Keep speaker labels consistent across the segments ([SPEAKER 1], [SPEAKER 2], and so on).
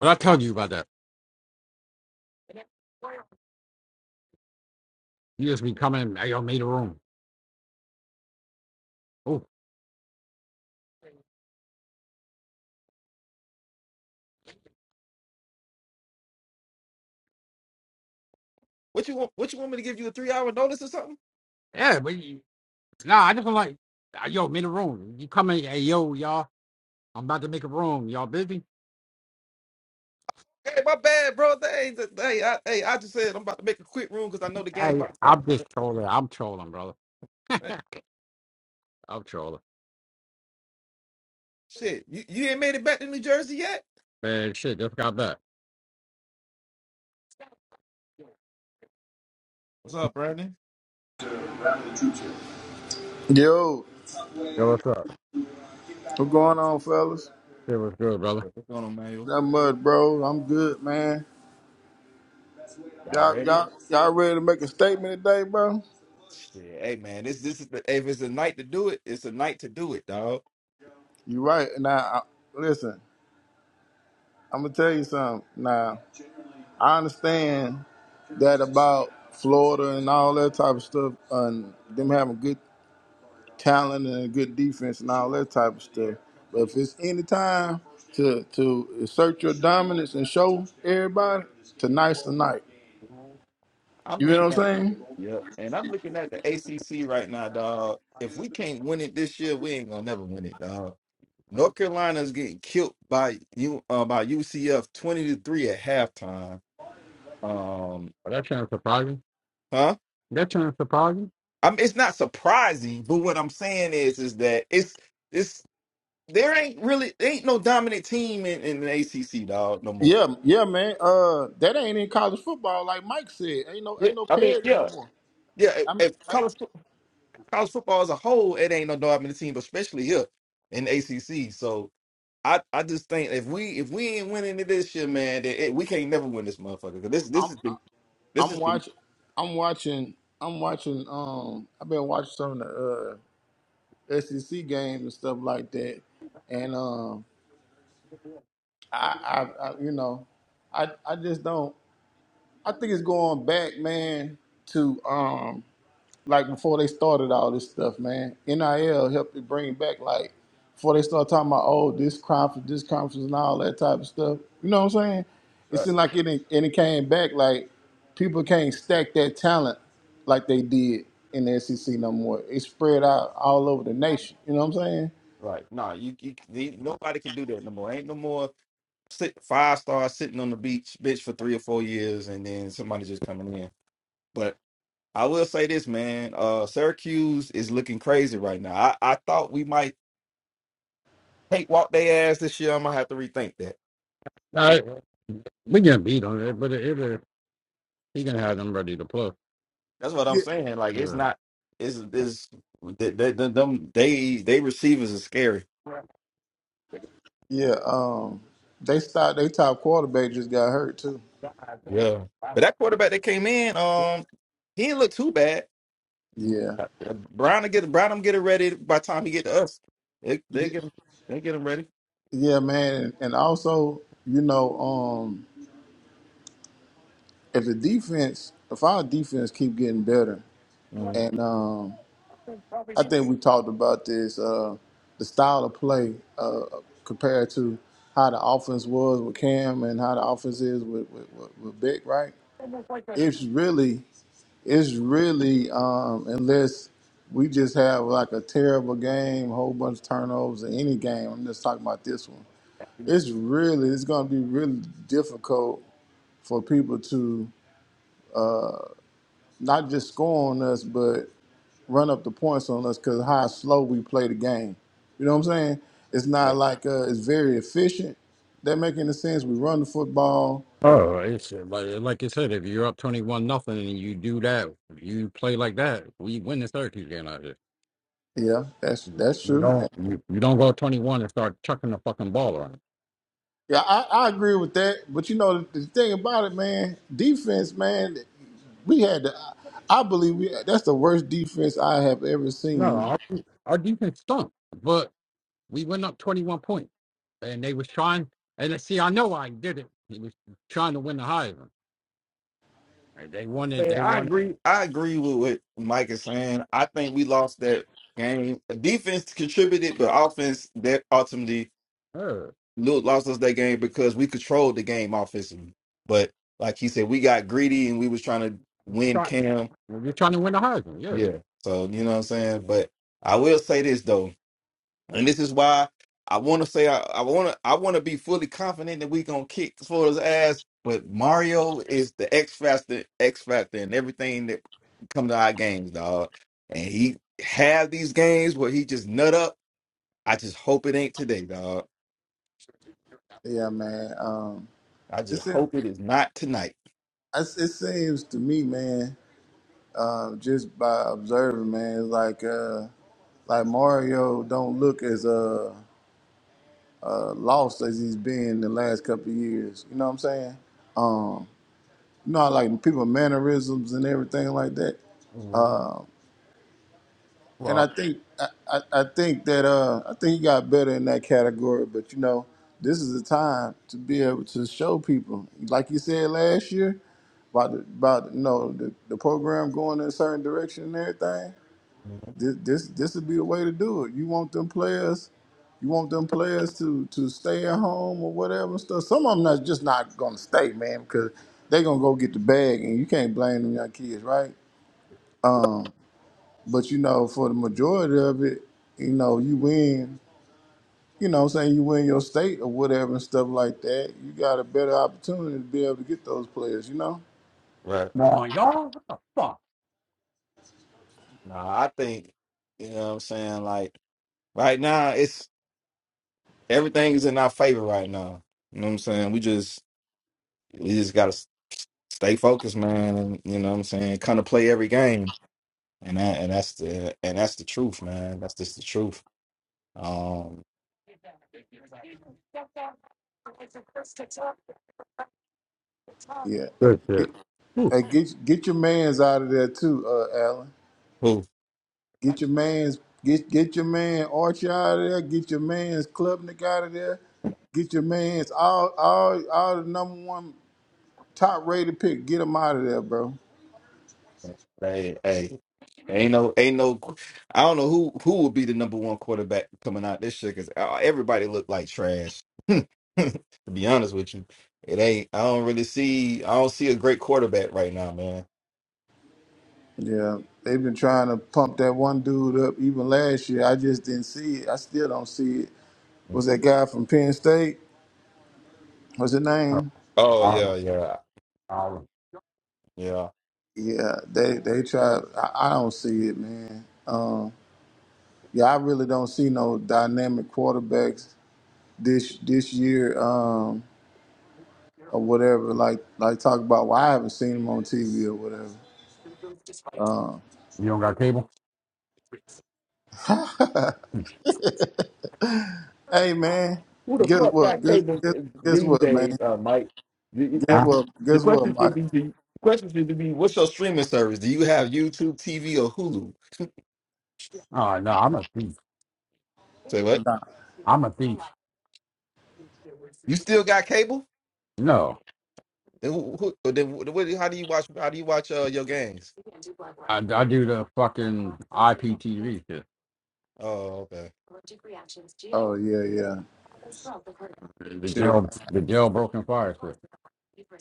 [SPEAKER 1] Well, I told you about that. You just be coming, hey, yo, made a room. Oh,
[SPEAKER 2] What you want? What you want me to give you a three hour notice or something?
[SPEAKER 1] yeah, but you, nah, I just don't like, "Ah, yo, made a room. You come in, hey, yo, y'all, I'm about to make a room. Y'all busy?
[SPEAKER 2] Hey, my bad, bro. They hey, I, hey, I just said I'm about to make a quick room because I know the game
[SPEAKER 1] Hey,
[SPEAKER 2] about to start.
[SPEAKER 1] I'm just trolling. I'm trolling, brother.
[SPEAKER 2] Hey,
[SPEAKER 1] I'm trolling.
[SPEAKER 2] shit, you, you ain't made it back to New Jersey yet?
[SPEAKER 1] Man, shit, just got back.
[SPEAKER 2] What's up, Brandon?
[SPEAKER 3] Yo,
[SPEAKER 1] Yo, what's up?
[SPEAKER 3] what's going on, fellas?
[SPEAKER 1] Shit was good, brother.
[SPEAKER 2] What's going on, Manuel?
[SPEAKER 3] Not much, bro. I'm good, man.
[SPEAKER 2] Y'all
[SPEAKER 3] Y'all,
[SPEAKER 2] ready?
[SPEAKER 3] y'all, y'all ready to make a statement today, bro?
[SPEAKER 2] Shit, hey man, this this is the, hey, if it's a night to do it, it's a night to do it, dog.
[SPEAKER 3] You right. Now, I, listen, I'm gonna tell you something. Now, I understand that about Florida and all that type of stuff, and them having good talent and good defense and all that type of stuff. But if it's any time to to assert your dominance and show everybody, tonight's the night.
[SPEAKER 2] I'm
[SPEAKER 3] You know what
[SPEAKER 2] looking
[SPEAKER 3] I'm
[SPEAKER 2] at
[SPEAKER 3] saying?
[SPEAKER 2] yep, and I'm looking at the ACC right now, dog. If we can't win it this year, we ain't gonna never win it, dog. North
[SPEAKER 1] But
[SPEAKER 2] Carolina's getting killed by you uh, by UCF twenty to three at halftime Um,
[SPEAKER 1] that trying to surprise you?
[SPEAKER 2] huh?
[SPEAKER 1] That trying to surprise you?
[SPEAKER 2] I am it's not surprising, but what I'm saying is, is that it's it's there ain't really there ain't no dominant team in, in the ACC, dog, no more.
[SPEAKER 3] Yeah, yeah, man. Uh, that ain't in college football, like Mike said. Ain't no,
[SPEAKER 2] Yeah,
[SPEAKER 3] ain't no
[SPEAKER 2] I mean,
[SPEAKER 3] parity no
[SPEAKER 2] yeah,
[SPEAKER 3] more.
[SPEAKER 2] yeah. If
[SPEAKER 3] I'm,
[SPEAKER 2] if
[SPEAKER 3] I,
[SPEAKER 2] college fo- college football as a whole, it ain't no dominant team, but especially here in the ACC. So I I just think if we if we ain't winning it this year, man, that it, we can't never win this motherfucker. 'Cause this this
[SPEAKER 3] I'm,
[SPEAKER 2] has been this
[SPEAKER 3] I'm
[SPEAKER 2] has been
[SPEAKER 3] watching, I'm watching, I'm watching. Um, I've been watching some of the uh, SEC games and stuff like that, and um, I, I, I, you know, I, I just don't. I think it's going back, man, to um, like before they started all this stuff, man. NIL helped to bring back like before they start talking about oh this conference, this conference, and all that type of stuff. You know what I'm saying? It
[SPEAKER 2] right,
[SPEAKER 3] seemed like it and it came back like people can't stack that talent like they did in the SEC no more. It spread out all over the nation. You know what I'm saying?
[SPEAKER 2] right. Nah, you, you, you nobody can do that no more. Ain't no more sit, five stars sitting on the beach, bitch, for three or four years, and then somebody just coming in. But I will say this, man. Uh, Syracuse is looking crazy right now. I, I thought we might take walk their ass this year. I'm gonna have to rethink that.
[SPEAKER 1] All right, we can beat on it, but it, it, he can have them ready to play.
[SPEAKER 2] That's what I'm
[SPEAKER 3] Yeah.
[SPEAKER 2] saying. Like it's not. It's it's they, they, them they they receivers are scary.
[SPEAKER 3] Yeah. Um, they start they top quarterback just got hurt too.
[SPEAKER 2] Yeah, but that quarterback that came in, um, he didn't look too bad.
[SPEAKER 3] Yeah.
[SPEAKER 2] Brown to get Brown, them get it ready by the time he get to us. They they
[SPEAKER 3] Y-
[SPEAKER 2] get him, they get him ready.
[SPEAKER 3] Yeah, man, and also you know, um, if the defense, if our defense keep getting better,
[SPEAKER 2] Mm.
[SPEAKER 3] and um, I think we talked about this, uh, the style of play uh, compared to how the offense was with Cam and how the offense is with with, with, with Beck, right?
[SPEAKER 1] Yeah.
[SPEAKER 3] It's really, it's really, um, unless we just have like a terrible game, whole bunch of turnovers in any game. I'm just talking about this one. It's really, it's going to be really difficult for people to not just score on us, but run up the points on us because how slow we play the game. You know what I'm saying? It's not like uh, it's very efficient. That make any sense? We run the football.
[SPEAKER 1] Oh, it's uh, like like you said, if you're up twenty one nothing and you do that, you play like that, we win the Syracuse game out of it.
[SPEAKER 3] Yeah, that's that's
[SPEAKER 1] You
[SPEAKER 3] true.
[SPEAKER 1] don't you, you don't go twenty one and start chucking the fucking ball around.
[SPEAKER 3] Yeah, I, I agree with that. But you know the, the thing about it, man, defense, man, we had the. I believe we that's the worst defense I have ever
[SPEAKER 1] No,
[SPEAKER 3] seen.
[SPEAKER 1] our, our defense stunk, but we went up twenty one points, and they was trying. And uh, see, I know I did it. He was trying to win the Heisman. And They wanted,
[SPEAKER 2] Man,
[SPEAKER 1] they
[SPEAKER 2] I
[SPEAKER 1] wanted.
[SPEAKER 2] agree. I agree with what Mike is saying. I think we lost that game. Defense contributed, but offense that ultimately
[SPEAKER 1] Uh,
[SPEAKER 2] lo- lost us that game because we controlled the game offensively. But like he said, we got greedy and we was trying to win
[SPEAKER 1] try,
[SPEAKER 2] Cam.
[SPEAKER 1] well, you're trying to win the Heisman, yeah.
[SPEAKER 2] Yeah. So you know what I'm saying. But I will say this though. And this is why I want to say I, I want to I want to be fully confident that we gonna kick Florida's ass. But Mario is the X factor, X factor, and everything that come to our games, dog. And he have these games where he just nut up. I just hope it ain't today, dog.
[SPEAKER 3] Yeah, man. Um,
[SPEAKER 2] I
[SPEAKER 3] it
[SPEAKER 2] just
[SPEAKER 3] seems
[SPEAKER 2] hope it is not tonight.
[SPEAKER 3] it seems to me, man, uh, just by observing, man, it's like. Uh, Like Mario don't look as uh, lost as he's been the last couple of years. You know what I'm saying? You know, how, like people mannerisms and everything like that.
[SPEAKER 2] Mhm,
[SPEAKER 3] And
[SPEAKER 1] Well,
[SPEAKER 3] I think I, I, I think that uh, I think he got better in that category. But you know, this is the time to be able to show people, like you said last year about the, about you know the, the program going in a certain direction and everything.
[SPEAKER 2] mhm.
[SPEAKER 3] This this this would be the way to do it. You want them players You want them players to to stay at home or whatever and stuff. Some of them are just not gonna stay, man, because they gonna go get the bag, and you can't blame them young kids, right? But you know, for the majority of it, you know, you win. You know, what I'm saying you win your state or whatever and stuff like that. You got a better opportunity to be able to get those players. You know,
[SPEAKER 2] Right.
[SPEAKER 1] come on, y'all, what the fuck?
[SPEAKER 2] Nah, I think you know what I'm saying. Like right now, it's everything is in our favor right now. You know what I'm saying. We just we just gotta stay focused, man. You know what I'm saying? Kind of play every game. And that and that's the and that's the truth, man. That's just the truth. Um
[SPEAKER 3] yeah.
[SPEAKER 1] Good shit.
[SPEAKER 3] Get,
[SPEAKER 1] Whew.
[SPEAKER 3] hey, get get your man's out of there too, uh, Alan.
[SPEAKER 2] who
[SPEAKER 3] Get your man's get get your man Archie out of there. Get your man's Klubnik out of there. Get your man's all all all the number one top rated pick. Get him out of there, bro.
[SPEAKER 2] hey hey ain't no ain't no I don't know who who would be the number one quarterback coming out this year because everybody look like trash. to be honest with you. It ain't I don't really see I don't see a great quarterback right now, man.
[SPEAKER 3] Yeah, they've been trying to pump that one dude up even last year. I just didn't see it. I still don't see it.
[SPEAKER 2] Mm.
[SPEAKER 3] Was that guy from Penn State? What's his
[SPEAKER 1] Uh,
[SPEAKER 3] name?
[SPEAKER 2] Oh yeah,
[SPEAKER 1] Olive,
[SPEAKER 2] yeah.
[SPEAKER 1] olive.
[SPEAKER 2] Yeah.
[SPEAKER 3] Yeah, they they try. I, I don't see it, man. Um, yeah, I really don't see no dynamic quarterbacks this this year. Um, or whatever. Like like talk about Well, I haven't seen him on TV or whatever.
[SPEAKER 1] You
[SPEAKER 3] Uh,
[SPEAKER 1] don't got cable? Hmm.
[SPEAKER 3] hey man,
[SPEAKER 2] Who the
[SPEAKER 3] guess
[SPEAKER 2] fuck
[SPEAKER 3] what?
[SPEAKER 2] got
[SPEAKER 3] Guess,
[SPEAKER 2] cable
[SPEAKER 3] guess guess
[SPEAKER 2] these
[SPEAKER 3] what, man?
[SPEAKER 2] days, uh, Mike? You- you-
[SPEAKER 3] Guess
[SPEAKER 1] Huh?
[SPEAKER 2] as-
[SPEAKER 3] what?
[SPEAKER 2] The
[SPEAKER 3] Guess what,
[SPEAKER 2] question should
[SPEAKER 3] Mike?
[SPEAKER 2] be: The question should be, what's your streaming service? Do you have YouTube TV or Hulu?
[SPEAKER 1] Oh no, I'm a thief.
[SPEAKER 2] Say what?
[SPEAKER 3] Nah.
[SPEAKER 1] I'm a thief.
[SPEAKER 2] You still got cable?
[SPEAKER 1] No,
[SPEAKER 2] Then who? who then what- how do you watch? How do you watch uh, your games?
[SPEAKER 1] I, I do the fucking IPTV shit,
[SPEAKER 2] Oh, okay.
[SPEAKER 3] Oh yeah, yeah.
[SPEAKER 1] the
[SPEAKER 3] Sure.
[SPEAKER 1] jail, the jailbroken fire shit.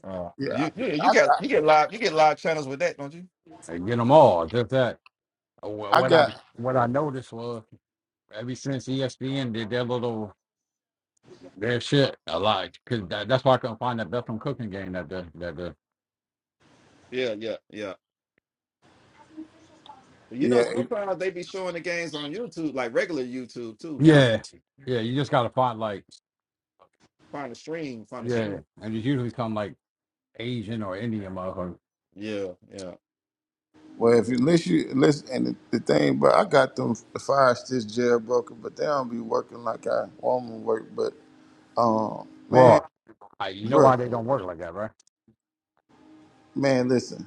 [SPEAKER 2] Uh,
[SPEAKER 3] Yeah,
[SPEAKER 2] you, you you
[SPEAKER 3] I, I
[SPEAKER 2] got you get live you get live channels with that, don't you?
[SPEAKER 1] I get them all. Just that. Wh-
[SPEAKER 3] I
[SPEAKER 1] What I
[SPEAKER 3] got
[SPEAKER 1] what I noticed was ever since ESPN did their little That shit, I like, cause that, that's why I couldn't find that Bethlehem cooking game that the that the
[SPEAKER 2] Yeah, yeah, yeah. But you
[SPEAKER 3] yeah.
[SPEAKER 2] know,
[SPEAKER 3] it-
[SPEAKER 2] sometimes they be showing the games on YouTube, like regular YouTube too.
[SPEAKER 1] Yeah, yeah you just gotta find like
[SPEAKER 2] Find a stream, find a
[SPEAKER 1] yeah,
[SPEAKER 2] stream.
[SPEAKER 1] and it's usually some like Asian or Indian motherfucker.
[SPEAKER 2] Yeah, yeah.
[SPEAKER 3] Well, if you listen, you listen, and the, the thing, but I got them The fire stitch jailbroken, but they don't be working like I want 'em to work. But um, man,
[SPEAKER 1] Well, I, you know
[SPEAKER 3] bro,
[SPEAKER 1] why they don't work like that, right?
[SPEAKER 3] man, listen.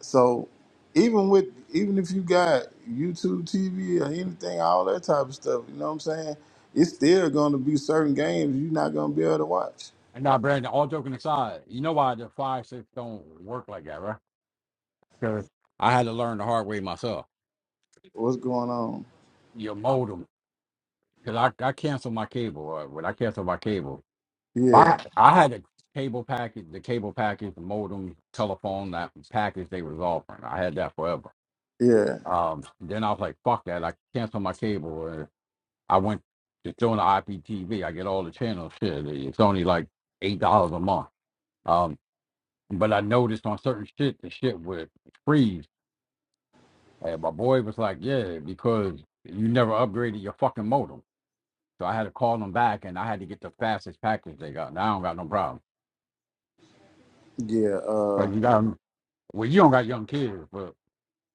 [SPEAKER 3] So even with even if you got YouTube TV or anything, all that type of stuff, you know what I'm saying? It's still gonna be certain games you're not gonna be able to watch.
[SPEAKER 1] And now, Brandon, all joking aside, you know why the five six don't work like that, right? Because I had to learn the hard way myself.
[SPEAKER 3] What's going on?
[SPEAKER 1] You mold them because I I canceled my cable. Uh, when I canceled my cable. Well,
[SPEAKER 3] Yeah,
[SPEAKER 1] I I had a cable package, the cable package, the modem, telephone, that package they was offering. I had that forever.
[SPEAKER 3] yeah,
[SPEAKER 1] Um, then I was like, fuck that. I canceled my cable. And I went to join the IPTV. I get all the channels. Shit, it's only like eight dollars a month. Um, but I noticed on certain shit, the shit would freeze. And my boy was like, yeah, because you never upgraded your fucking modem. So I had to call them back, and I had to get the fastest package they got. Now I don't got no problem.
[SPEAKER 3] yeah,
[SPEAKER 1] So
[SPEAKER 3] uh
[SPEAKER 1] you got Well, you don't got young kids, but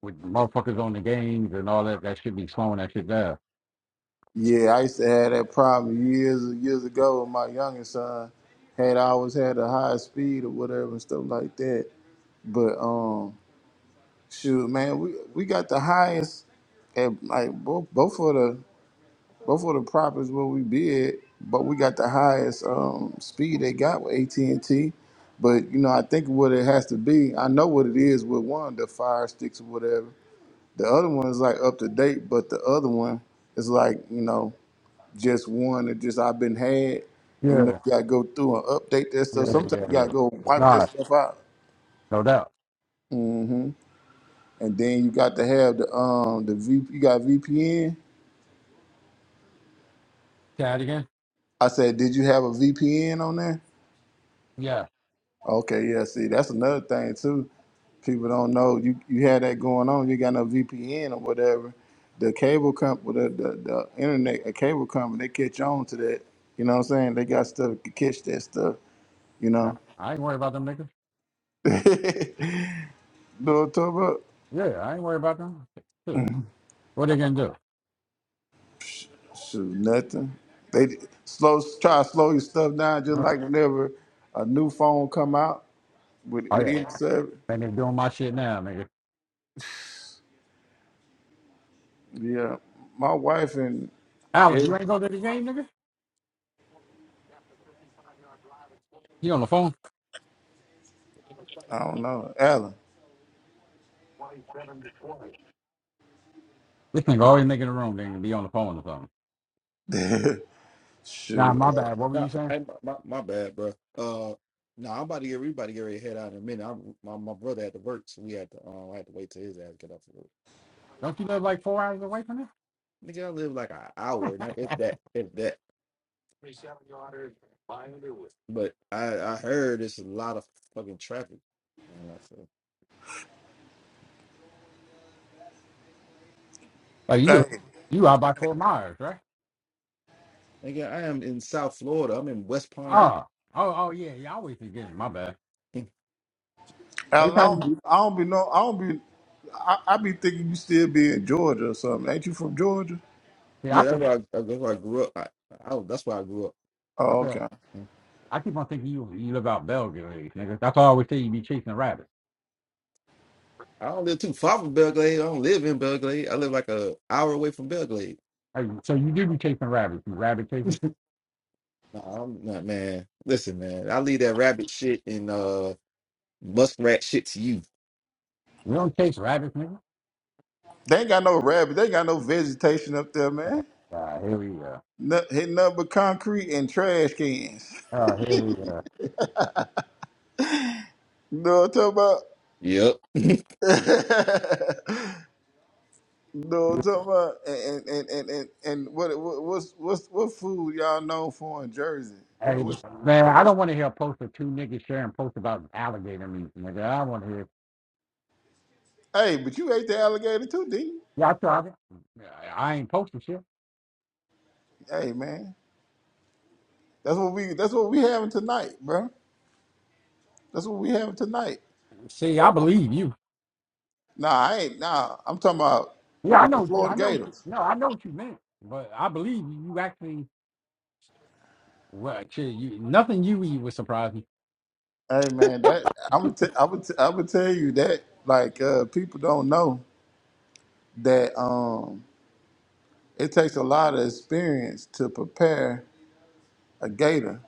[SPEAKER 1] with motherfuckers on the games and all that, that should be slowing that shit down.
[SPEAKER 3] yeah, I used to have that problem years and years ago with my youngest son. Had always had a high speed or whatever and stuff like that. But um shoot man, we we got the highest at like both both of the Both the prop is where we bid, but we got the highest um, speed they got with AT and T. But you know, I think what it has to be, I know what it is with one, the Fire Sticks or whatever. The other one is like up to date, but the other one is like you know just one that just I've been had, and you know
[SPEAKER 1] Yeah,
[SPEAKER 3] you gotta go through and update that stuff.
[SPEAKER 1] yeah,
[SPEAKER 3] Sometimes
[SPEAKER 1] yeah,
[SPEAKER 3] you
[SPEAKER 1] yeah.
[SPEAKER 3] gotta go wipe this
[SPEAKER 1] Nah,
[SPEAKER 3] stuff out.
[SPEAKER 1] no doubt.
[SPEAKER 3] hmm And then you got to have the um the V. You got VPN.
[SPEAKER 1] Say that again?
[SPEAKER 3] I said, did you have a VPN on there?
[SPEAKER 1] Yeah.
[SPEAKER 3] Okay, yeah. See, that's another thing too. People don't know you you had that going on. You got no VPN or whatever. The cable company, the, the the internet, a cable company, they catch on to that. You know what I'm saying? They got stuff to catch that stuff. You
[SPEAKER 1] yeah.
[SPEAKER 3] know.
[SPEAKER 1] I ain't worried about them niggas.
[SPEAKER 3] know what I'm talking about?
[SPEAKER 1] Yeah, I ain't worried about them. Shit. What they gonna do?
[SPEAKER 3] Psh, Shoot, nothing. They slow try to slow your stuff down, just
[SPEAKER 1] Uh,
[SPEAKER 3] like whenever a new phone come out with
[SPEAKER 1] Oh,
[SPEAKER 3] with
[SPEAKER 1] yeah.
[SPEAKER 3] any
[SPEAKER 1] yeah.
[SPEAKER 3] service.
[SPEAKER 1] And they doing my shit now, nigga.
[SPEAKER 3] Yeah, my wife and
[SPEAKER 1] Alan, you
[SPEAKER 3] ev-
[SPEAKER 1] ain't go to the game, nigga? He on the phone?
[SPEAKER 3] I don't know, Alan.
[SPEAKER 1] This nigga always making a room, nigga. Be on the phone or something. Nah,
[SPEAKER 3] Shoot.
[SPEAKER 1] my bad. What were
[SPEAKER 2] Nah,
[SPEAKER 1] you saying?
[SPEAKER 2] I, my, my my bad, bro. Uh, no, I'm about to get everybody get ready to head out in a minute. I'm, my my brother had to work, so we had to um, I had to wait till his ass get off of work.
[SPEAKER 1] Don't you live like four hours away from this?
[SPEAKER 2] Nigga, I live like an hour, not if that, if that. But I I heard it's a lot of fucking traffic. And I said,
[SPEAKER 1] Like you go,
[SPEAKER 3] Hey,
[SPEAKER 1] you out by Fort Myers, right?
[SPEAKER 2] nigga, I am in South Florida. I'm in West Palm Beach.
[SPEAKER 1] Oh, oh, oh yeah, yeah. I always forget. My bad.
[SPEAKER 2] Mm.
[SPEAKER 1] Every
[SPEAKER 3] not
[SPEAKER 1] time,
[SPEAKER 3] be, I don't be know. I don't be. I, I be thinking you still be in Georgia or something. Ain't you from Georgia?
[SPEAKER 1] yeah, I
[SPEAKER 2] yeah, that's
[SPEAKER 1] could,
[SPEAKER 2] where I, that's where I grew up. I, I was- that's where I grew up.
[SPEAKER 1] I
[SPEAKER 3] Oh,
[SPEAKER 1] could,
[SPEAKER 3] okay.
[SPEAKER 2] Mm.
[SPEAKER 1] I keep on thinking you you live out Belgrade, nigga. That's why I always say you be chasing rabbits.
[SPEAKER 2] I don't live too far from Belgrade. I don't live in Belgrade. I live like a hour away from Belgrade.
[SPEAKER 1] Like, so you do be chasing rabbits. You rabbit chaser.
[SPEAKER 2] No, I'm not, man. Listen, man. I leave that rabbit shit and uh muskrat shit to you.
[SPEAKER 1] You don't chase rabbits, nigga.
[SPEAKER 3] They ain't got no rabbit. They ain't got no vegetation up there, man.
[SPEAKER 1] Ah, here we go.
[SPEAKER 3] No, hitting nothing but concrete and trash cans.
[SPEAKER 1] Oh, here we go.
[SPEAKER 3] You know what I'm
[SPEAKER 2] Yep.
[SPEAKER 3] talking about? you know what I'm talking about? And and and and, and what, what what's what's what food y'all known for in Jersey? What,
[SPEAKER 1] Hey,
[SPEAKER 3] what's,
[SPEAKER 1] man, I don't want to hear a post of two niggas sharing posts about alligator meat, nigga. I want to hear.
[SPEAKER 3] hey, but you ate the alligator too, didn't you?
[SPEAKER 1] Yeah, I tried it. Yeah, I ain't posting shit.
[SPEAKER 3] Hey, man, that's what we that's what we having tonight, bro. That's what we have tonight.
[SPEAKER 1] See, I believe you.
[SPEAKER 3] Nah, I ain't. Nah, I'm talking about
[SPEAKER 1] Yeah, I know what you. I
[SPEAKER 3] Florida
[SPEAKER 1] know what you.
[SPEAKER 3] Gators.
[SPEAKER 1] No, I know what you meant. But I believe you. You actually. Well, shit, you, nothing you eat would surprise me.
[SPEAKER 3] Hey man, that I'm gonna t- I'm gonna t- I'm gonna tell you that like uh, people don't know that um it takes a lot of experience to prepare a gator.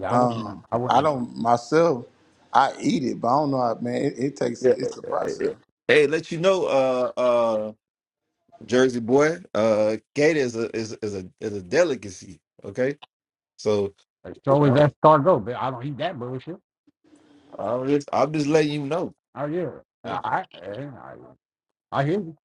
[SPEAKER 1] Yeah, I wouldn't. know. I
[SPEAKER 3] I
[SPEAKER 1] wouldn't. know.
[SPEAKER 3] don't myself. I eat it, but I don't know. How, man, it, it takes
[SPEAKER 2] Yeah.
[SPEAKER 3] it's a
[SPEAKER 2] yeah.
[SPEAKER 3] process.
[SPEAKER 2] yeah. Hey, let you know, uh, uh, Jersey boy, uh, gator is a is is a is a delicacy. Okay, so
[SPEAKER 1] It's always
[SPEAKER 2] uh,
[SPEAKER 1] that escargot, but I don't eat that bullshit.
[SPEAKER 2] I'm just I'm just letting you know.
[SPEAKER 1] Oh yeah. I I, I, I hear you.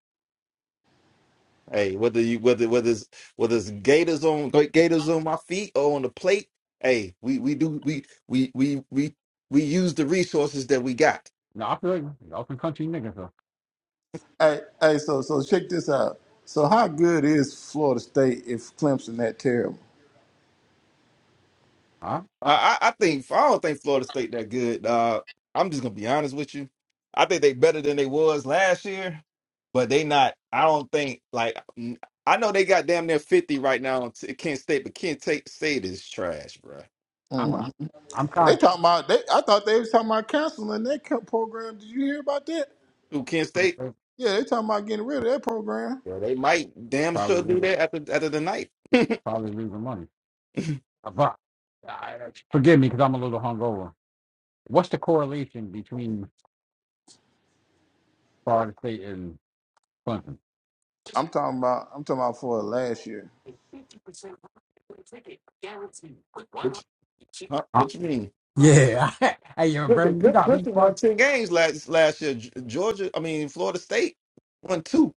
[SPEAKER 2] Hey, whether you whether whether it's whether it's gators on gators on my feet or on the plate, hey, we we do we we we we we use the resources that we got.
[SPEAKER 1] No, I feel you. Y'all some country niggas. So,
[SPEAKER 3] Hey, hey, so so check this out. So how good is Florida State if Clemson that terrible?
[SPEAKER 1] huh?
[SPEAKER 2] I, I I think I don't think Florida State that good. Uh, I'm just gonna be honest with you. I think they better than they was last year, but they not. I don't think like mm, I know they got damn near 50 right now on t- Kent State, but Kent State, State is trash, bro.
[SPEAKER 1] I'm
[SPEAKER 3] Mm-hmm.
[SPEAKER 1] I'm
[SPEAKER 3] They
[SPEAKER 1] kind.
[SPEAKER 3] talking about they. I thought they was talking about canceling that co- program. Did you hear about that?
[SPEAKER 2] Who Kent State?
[SPEAKER 1] of
[SPEAKER 3] Yeah, they talking about getting rid of that program.
[SPEAKER 2] Yeah, they might damn
[SPEAKER 1] Probably
[SPEAKER 2] sure do
[SPEAKER 1] losing,
[SPEAKER 2] that after after the night.
[SPEAKER 1] probably losing money. Uh, But I, forgive me because I'm a little hungover. What's the correlation between Florida State and Clemson?
[SPEAKER 3] I'm talking about. I'm talking about for last year.
[SPEAKER 2] Which huh,
[SPEAKER 1] Uh,
[SPEAKER 2] what you mean?
[SPEAKER 1] yeah. hey, yo,
[SPEAKER 2] Clemson
[SPEAKER 1] Brandon, you
[SPEAKER 2] Clemson-
[SPEAKER 1] got me
[SPEAKER 2] Clemson won
[SPEAKER 1] fucked.
[SPEAKER 2] 10 games last last year. G- Georgia, I mean Florida State won two.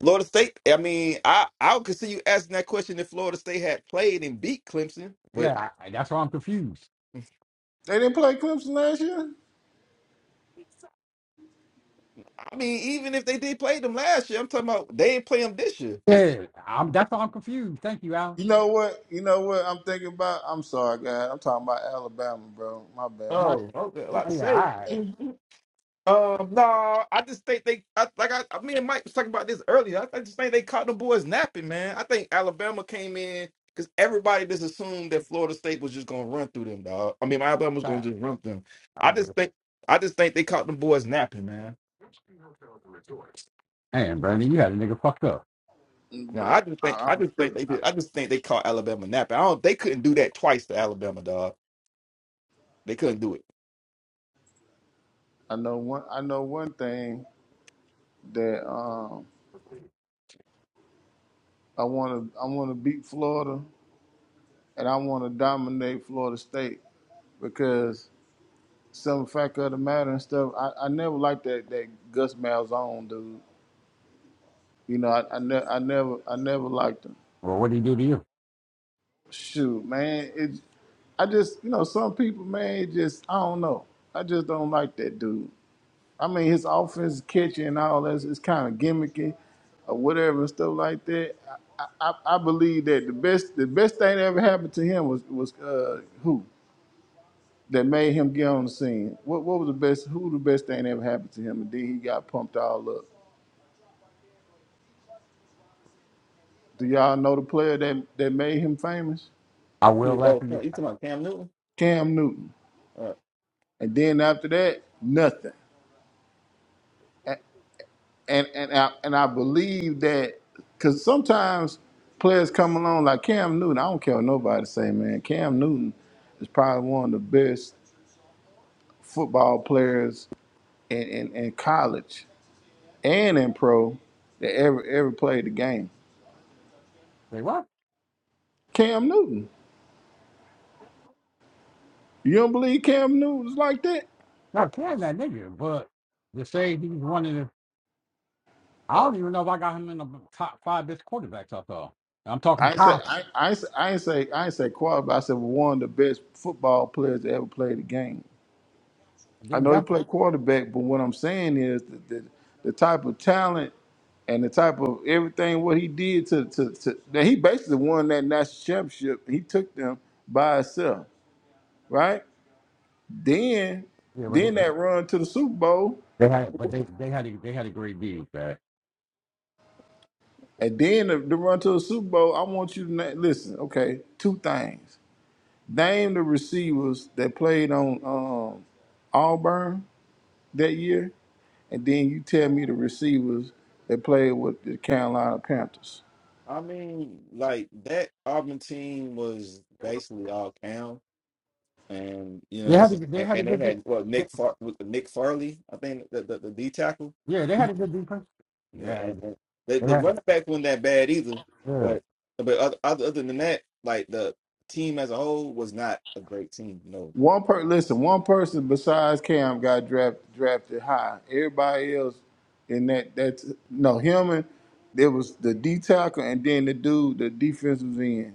[SPEAKER 2] Florida State. I mean, I I would consider you asking that question if Florida State had played and beat Clemson. But
[SPEAKER 1] Yeah, I- that's why I'm confused.
[SPEAKER 3] They didn't play Clemson last year.
[SPEAKER 2] I mean, even if they did play them last year, I'm talking about they ain't play them this year.
[SPEAKER 1] Yeah, I'm. That's why I'm confused. Thank you, Al.
[SPEAKER 3] You know what? You know what? I'm thinking about. I'm sorry, guys. I'm talking about Alabama, bro. My
[SPEAKER 1] I'm
[SPEAKER 3] bad.
[SPEAKER 1] like,
[SPEAKER 2] Oh, okay, a
[SPEAKER 3] Yeah,
[SPEAKER 2] lot
[SPEAKER 1] oh,
[SPEAKER 2] to
[SPEAKER 1] yeah, all
[SPEAKER 2] say.
[SPEAKER 1] right.
[SPEAKER 2] Mhm. Um, no, I just think they. I, like I, I, me and Mike was talking about this earlier. I, I just think they caught the boys napping, man. I think Alabama came in because everybody just assumed that Florida State was just gonna run through them, dog. I mean, Alabama was
[SPEAKER 1] Fine.
[SPEAKER 2] gonna just run through them.
[SPEAKER 1] I'll
[SPEAKER 2] I
[SPEAKER 1] do
[SPEAKER 2] just
[SPEAKER 1] it.
[SPEAKER 2] think, I just think they caught them boys napping, man.
[SPEAKER 1] Man, Brandon, you had a nigga fucked up.
[SPEAKER 3] mm,
[SPEAKER 2] No,
[SPEAKER 3] bro.
[SPEAKER 2] I just think
[SPEAKER 3] I,
[SPEAKER 2] I
[SPEAKER 3] I'm
[SPEAKER 2] just think
[SPEAKER 3] tripping.
[SPEAKER 2] they did. I
[SPEAKER 3] I
[SPEAKER 2] just think they caught Alabama napping. I don't. They couldn't do that twice to Alabama, dog. They couldn't do it.
[SPEAKER 3] I know one. I know one thing that um, I want to. I want to beat Florida, and I want to dominate Florida State because some fact of the matter and stuff. I, I never liked that that Gus Malzahn dude. You know, I I, ne- I never I never liked him.
[SPEAKER 1] Well, what did he do to you?
[SPEAKER 3] Shoot, man, it I just you know some people, man, it just I don't know. I just don't like that dude. I mean, his offense is catchy and all that. It's kind of gimmicky or whatever and stuff like that. I, I, I believe that the best the best thing that ever happened to him was was uh, who that made him get on the scene. What what was the best? Who the best thing that ever happened to him? And then he got pumped all up. Do y'all know the player that, that made him famous?
[SPEAKER 1] I will
[SPEAKER 2] Who-
[SPEAKER 1] laugh
[SPEAKER 2] Oh,
[SPEAKER 1] at you.
[SPEAKER 2] you talking
[SPEAKER 1] I
[SPEAKER 2] about Cam Newton?
[SPEAKER 3] Cam Newton.
[SPEAKER 2] Uh,
[SPEAKER 3] And then after that, nothing. And and I, and I believe that because sometimes players come along like Cam Newton. I don't care what nobody say, man. Cam Newton is probably one of the best football players in, in, in college and in pro that ever ever played the game.
[SPEAKER 1] say what?
[SPEAKER 3] Cam Newton. You don't believe Cam Newton was like that?
[SPEAKER 1] No, can that nigga, but to say he's one of the, I don't even know if I got him in the top five best quarterbacks I saw. I'm
[SPEAKER 3] I
[SPEAKER 1] talking
[SPEAKER 3] ain't say
[SPEAKER 1] college.
[SPEAKER 3] I, I, ain't say- I ain't say I ain't say quarterback. I said one of the best football players to ever play the game. I
[SPEAKER 1] Then
[SPEAKER 3] know he played quarterback, but what I'm saying is that the, the type of talent and the type of everything what he did to to, to that he basically won that national championship. He took them by himself, right? Then then
[SPEAKER 1] definitely.
[SPEAKER 3] that run to the Super Bowl,
[SPEAKER 1] They had, but they, they had a, they had a great defense. man.
[SPEAKER 3] and then the, the run to the Super Bowl. I want you to na- listen. Okay, two things. Name the receivers that played on. um, Auburn that year, and then you tell me the receivers that played with the Carolina Panthers.
[SPEAKER 2] I mean, like that Auburn team was basically all Cam, and you know,
[SPEAKER 1] They
[SPEAKER 2] what I'm
[SPEAKER 1] had a,
[SPEAKER 2] saying?
[SPEAKER 1] they
[SPEAKER 2] And,
[SPEAKER 1] had a
[SPEAKER 2] and they
[SPEAKER 1] good de-
[SPEAKER 2] had well
[SPEAKER 1] they,
[SPEAKER 2] Nick Far- with Nick Farley, I think the the, the D tackle,
[SPEAKER 1] yeah they had a good defense.
[SPEAKER 2] Yeah,
[SPEAKER 1] Yeah,
[SPEAKER 2] and, and the,
[SPEAKER 1] they
[SPEAKER 2] the
[SPEAKER 1] had
[SPEAKER 2] running back wasn't that bad either.
[SPEAKER 1] yeah.
[SPEAKER 2] But but other, other other than that, like the team as a whole was not a great team. No.
[SPEAKER 3] One per listen, one person besides Cam got drafted drafted high. Everybody else in that that's no him and there was the D tackle and then the dude the defensive end.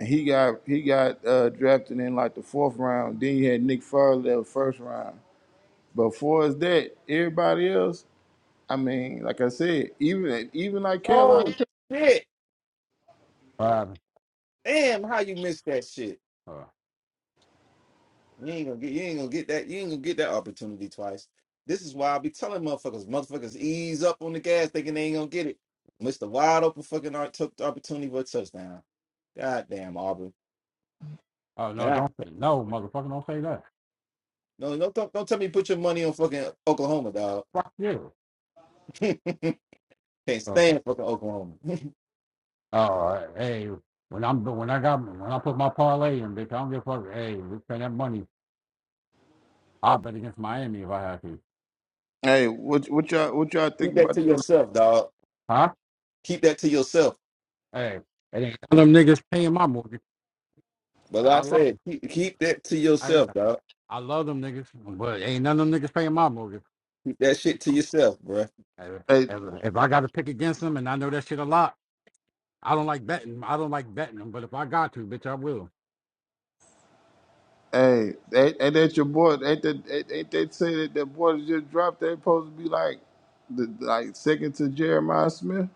[SPEAKER 3] And he got he got uh, drafted in like the fourth round. Then you had Nick Farley first round. But for as that, everybody else, I mean, like I said, even even like Carolina
[SPEAKER 2] Oh shit!
[SPEAKER 1] Um,
[SPEAKER 2] Damn, how you missed that shit?
[SPEAKER 1] uh,
[SPEAKER 2] You ain't gonna get you ain't gonna get that you ain't gonna get that opportunity twice. This is why I be telling motherfuckers, motherfuckers ease up on the gas thinking they ain't gonna get it. Missed a wide open fucking art took the opportunity for a touchdown. God damn Auburn.
[SPEAKER 1] oh no,
[SPEAKER 2] Yeah.
[SPEAKER 1] don't say no, motherfucker, don't say that.
[SPEAKER 2] No, don't don't don't tell me you put your money on fucking Oklahoma, dog.
[SPEAKER 1] Fuck you.
[SPEAKER 2] Can't
[SPEAKER 1] Uh,
[SPEAKER 2] stand fucking Oklahoma. keep
[SPEAKER 1] oh hey, when I'm when I got when I put my parlay in, bitch, I don't give a fuck. Hey, we spend that money. I'll bet against Miami if I have to.
[SPEAKER 3] Hey, what what y'all what y'all think
[SPEAKER 2] that
[SPEAKER 3] about
[SPEAKER 2] to
[SPEAKER 3] the
[SPEAKER 2] yourself, dog.
[SPEAKER 1] Huh?
[SPEAKER 2] Keep that to yourself.
[SPEAKER 1] Hey, it ain't none of them niggas paying my mortgage.
[SPEAKER 2] But like I
[SPEAKER 1] I love
[SPEAKER 2] said,
[SPEAKER 1] them.
[SPEAKER 2] keep, keep that to
[SPEAKER 1] I uh,
[SPEAKER 2] yourself, dog.
[SPEAKER 1] I love them niggas, but ain't none of them niggas paying my mortgage.
[SPEAKER 2] Keep that shit to yourself, bruh.
[SPEAKER 1] If
[SPEAKER 3] hey
[SPEAKER 1] if I got to pick against them, and I know that shit a lot, I don't like betting. I don't like betting them, but if I got to, bitch, I will.
[SPEAKER 3] hey ain't, ain't that your boy? Ain't that ain't, ain't they say that that boy that just dropped? They supposed to be like the like second to Jeremiah Smith,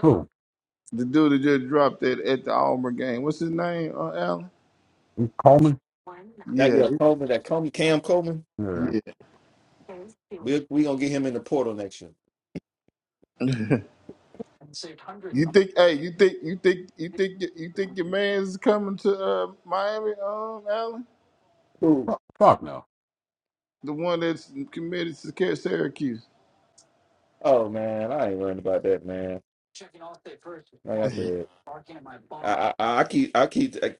[SPEAKER 1] Who?
[SPEAKER 3] the dude that just dropped that at the Auburn game. What's his name? Uh, Allen.
[SPEAKER 1] Coleman?
[SPEAKER 2] That
[SPEAKER 3] Yeah,
[SPEAKER 2] yeah,
[SPEAKER 3] they-
[SPEAKER 2] Coleman, that Coleman, Cam Coleman.
[SPEAKER 1] Yeah.
[SPEAKER 3] yeah.
[SPEAKER 2] We're We we gonna get him in the portal next year.
[SPEAKER 3] You think? Hey, you think? You think? You think? y- You think your man's coming to uh, Miami? Um, Allen,
[SPEAKER 2] Who?
[SPEAKER 1] Fuck, fuck no.
[SPEAKER 3] the one that's committed to Syracuse.
[SPEAKER 2] Oh man, I ain't worrying about that, man. Like I said, I I, I keep I keep I,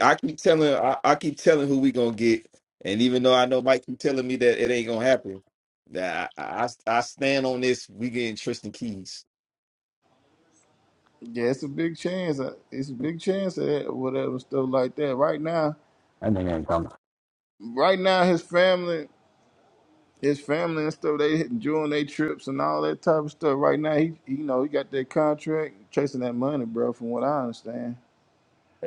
[SPEAKER 2] I keep telling I, I keep telling who we gonna get, and even though I know Mike keep telling me that it ain't gonna happen, that I I, I stand on this. We getting Tristan Keys.
[SPEAKER 3] Yeah, it's a big chance. uh, It's a big chance of that, whatever stuff like that. Right now,
[SPEAKER 1] That nigga ain't coming.
[SPEAKER 3] right now, his family, his family and stuff, they enjoying their trips and all that type of stuff. Right now, he, you know, he got that contract, chasing that money, bro. From what I understand.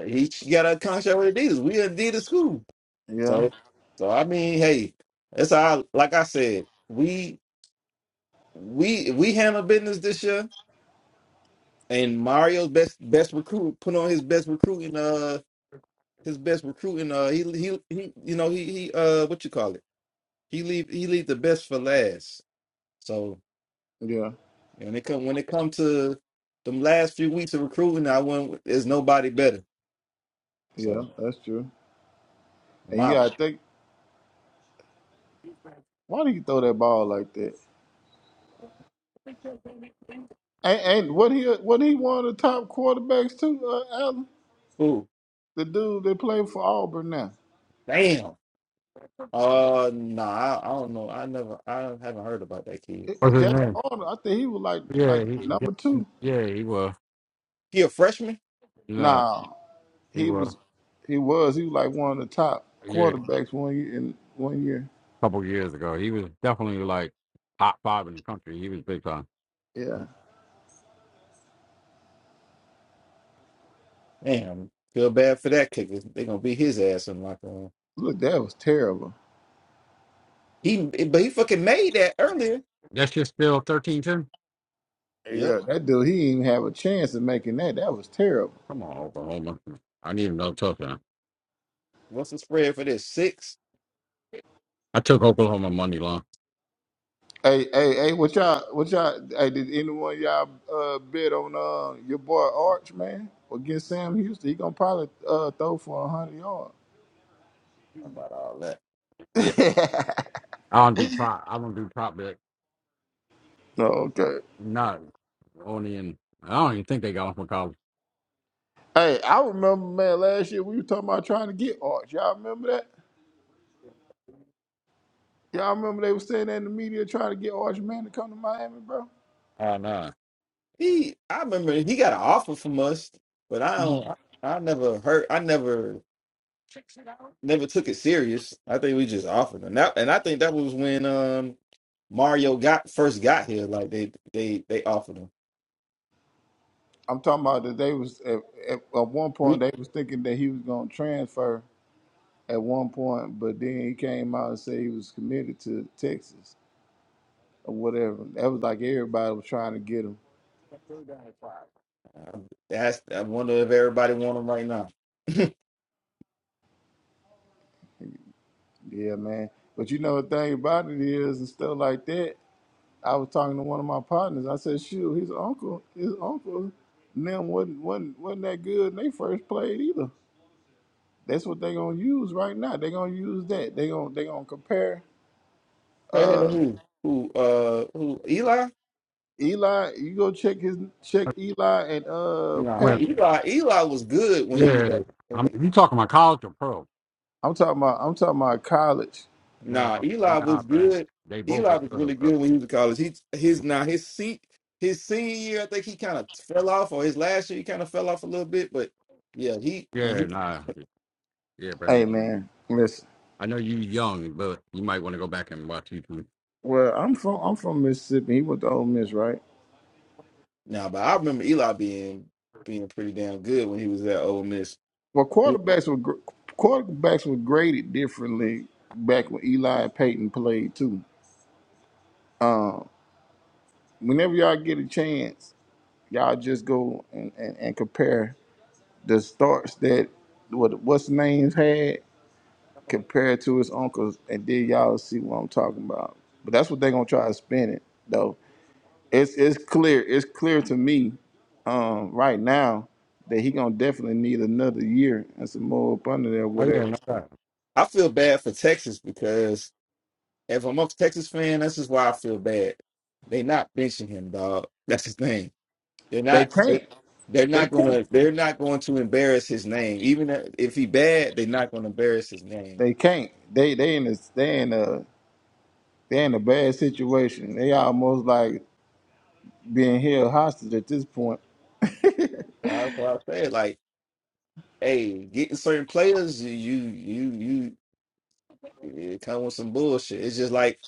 [SPEAKER 2] He got a contract with Adidas. We Adidas school.
[SPEAKER 3] Yeah,
[SPEAKER 2] So so I mean, hey, that's how. I, like I said, we we we handle business this year And Mario's best best recruit put on his best recruiting uh his best recruiting uh he he he you know he he uh what you call it he leave he leave the best for last. So
[SPEAKER 3] yeah,
[SPEAKER 2] when it come when it come to them last few weeks of recruiting, I went there's nobody better.
[SPEAKER 3] yeah.
[SPEAKER 2] So
[SPEAKER 3] That's true. And you
[SPEAKER 2] my
[SPEAKER 3] gotta think, why do you throw that ball like that? And, and what he, what he one of the top quarterbacks too, uh, Allen,
[SPEAKER 2] ooh
[SPEAKER 3] the dude that played for Auburn now,
[SPEAKER 2] damn uh nah I, I don't know I never I haven't heard about that kid.
[SPEAKER 3] It-
[SPEAKER 1] What's his
[SPEAKER 3] Jackson
[SPEAKER 1] name?
[SPEAKER 3] Arnold. I think he was like, like
[SPEAKER 1] Yeah, he,
[SPEAKER 3] number two.
[SPEAKER 1] yeah, he was.
[SPEAKER 2] He a freshman?
[SPEAKER 1] Nah,
[SPEAKER 3] Nah.
[SPEAKER 1] he
[SPEAKER 3] He
[SPEAKER 1] was.
[SPEAKER 3] was he was he was like one of the top
[SPEAKER 1] Yeah, a
[SPEAKER 3] quarterbacks one year in one year.
[SPEAKER 1] couple years ago, he was definitely like top five in the country. He was big time.
[SPEAKER 3] Yeah.
[SPEAKER 2] Oh, damn feel bad for that kicker. They gonna beat his ass in the locker room.
[SPEAKER 3] Look, that was terrible.
[SPEAKER 2] He but he fucking made that earlier.
[SPEAKER 1] That shit's still thirteen ten.
[SPEAKER 2] yep.
[SPEAKER 3] Yeah, that dude he didn't even have a chance of making that. That was terrible.
[SPEAKER 1] Come on, Oklahoma. I need another touchdown.
[SPEAKER 2] What's the spread for this? Six?
[SPEAKER 1] I took Oklahoma money line.
[SPEAKER 3] Hey, hey, hey, what y'all what y'all hey did anyone of y'all uh bet on uh your boy Arch man against Sam Houston? He gonna probably uh throw for a hundred yards.
[SPEAKER 2] How about all that?
[SPEAKER 1] Yeah, I don't do prop. I don't do prop bet.
[SPEAKER 3] okay.
[SPEAKER 1] No, only in. I don't even think they got one for college.
[SPEAKER 3] Hey, I remember man last year we were talking about trying to get Arch. Y'all remember that? Y'all remember they was saying that in the media trying to get Arch Man to come to Miami, bro?
[SPEAKER 1] Oh no.
[SPEAKER 2] He, I remember he got an offer from us, but I
[SPEAKER 3] hmm
[SPEAKER 2] don't. I, I never heard. I never, never took it serious. I think we just offered him that, and I think that was when um Mario got first got here. Like they, they, they offered him.
[SPEAKER 3] I'm talking about that they was at, at, at one point
[SPEAKER 2] We-
[SPEAKER 3] they was thinking that he was gonna transfer at one point, but then he came out and said he was committed to Texas or whatever. That was like everybody was trying to get him.
[SPEAKER 2] I- That's. I wonder if everybody want him right now.
[SPEAKER 3] Yeah, man. But you know the thing about it is and stuff like that. I was talking to one of my partners. I said, "Shoot, his uncle, his uncle, and them wasn't wasn't wasn't that good. And they first played either." That's what they're gonna use right now. They're gonna use that. They gonna they gonna compare
[SPEAKER 2] Right here to
[SPEAKER 3] uh
[SPEAKER 2] who? Who? Uh, who? Eli?
[SPEAKER 3] Eli. You go check his check Eli and uh
[SPEAKER 2] Nah,
[SPEAKER 1] Well,
[SPEAKER 3] Peyton.
[SPEAKER 2] Eli. Eli was good when he was
[SPEAKER 1] yeah. I'm.
[SPEAKER 2] at.
[SPEAKER 1] You talking about college or pro?
[SPEAKER 3] I'm talking about I'm talking about college.
[SPEAKER 1] No,
[SPEAKER 2] Nah, Eli
[SPEAKER 1] nah,
[SPEAKER 2] was
[SPEAKER 1] Brandon.
[SPEAKER 2] good.
[SPEAKER 1] They both
[SPEAKER 2] Eli
[SPEAKER 1] were
[SPEAKER 2] was
[SPEAKER 1] good,
[SPEAKER 2] really
[SPEAKER 1] bro.
[SPEAKER 2] good when he was in college. He his now his seat his senior year, I think he kind of fell off, or his last year he kind of fell off a little bit. But yeah, he when
[SPEAKER 1] Yeah,
[SPEAKER 2] he
[SPEAKER 1] nah. Yeah, Brandon.
[SPEAKER 3] Hey man, listen.
[SPEAKER 1] I know you young, but you might want to go back and watch YouTube.
[SPEAKER 3] Well, I'm from I'm from Mississippi. He went to Ole Miss, right?
[SPEAKER 2] now, but I remember Eli being being pretty damn good when he was at Ole Miss.
[SPEAKER 3] Well, quarterbacks were gr- quarterbacks were graded differently back when Eli and Peyton played too. Whenever y'all get a chance, y'all just go and, and, and compare the starts that what what's names had compare it to his uncles, and then y'all see what I'm talking about. But that's what they're gonna try to spin it though. It's it's clear. It's clear to me um, right now that he gonna definitely need another year and some more up under there,
[SPEAKER 1] Oh yeah,
[SPEAKER 3] whatever.
[SPEAKER 1] no doubt.
[SPEAKER 2] I feel bad for Texas because if I'm a Texas fan, this is why I feel bad. They not benching him, dog. That's his thing. They're
[SPEAKER 3] They
[SPEAKER 2] not. They're,
[SPEAKER 3] can't.
[SPEAKER 2] they're
[SPEAKER 3] They
[SPEAKER 2] not
[SPEAKER 3] can't.
[SPEAKER 2] gonna. They're not going to embarrass his name. Even if he bad, they're not gonna embarrass his name.
[SPEAKER 3] They can't. They they in a they in a they in a bad situation. They almost like being held hostage at this point.
[SPEAKER 2] That's why I said, like, hey, getting certain players, you, you, you, it come with some bullshit. It's just like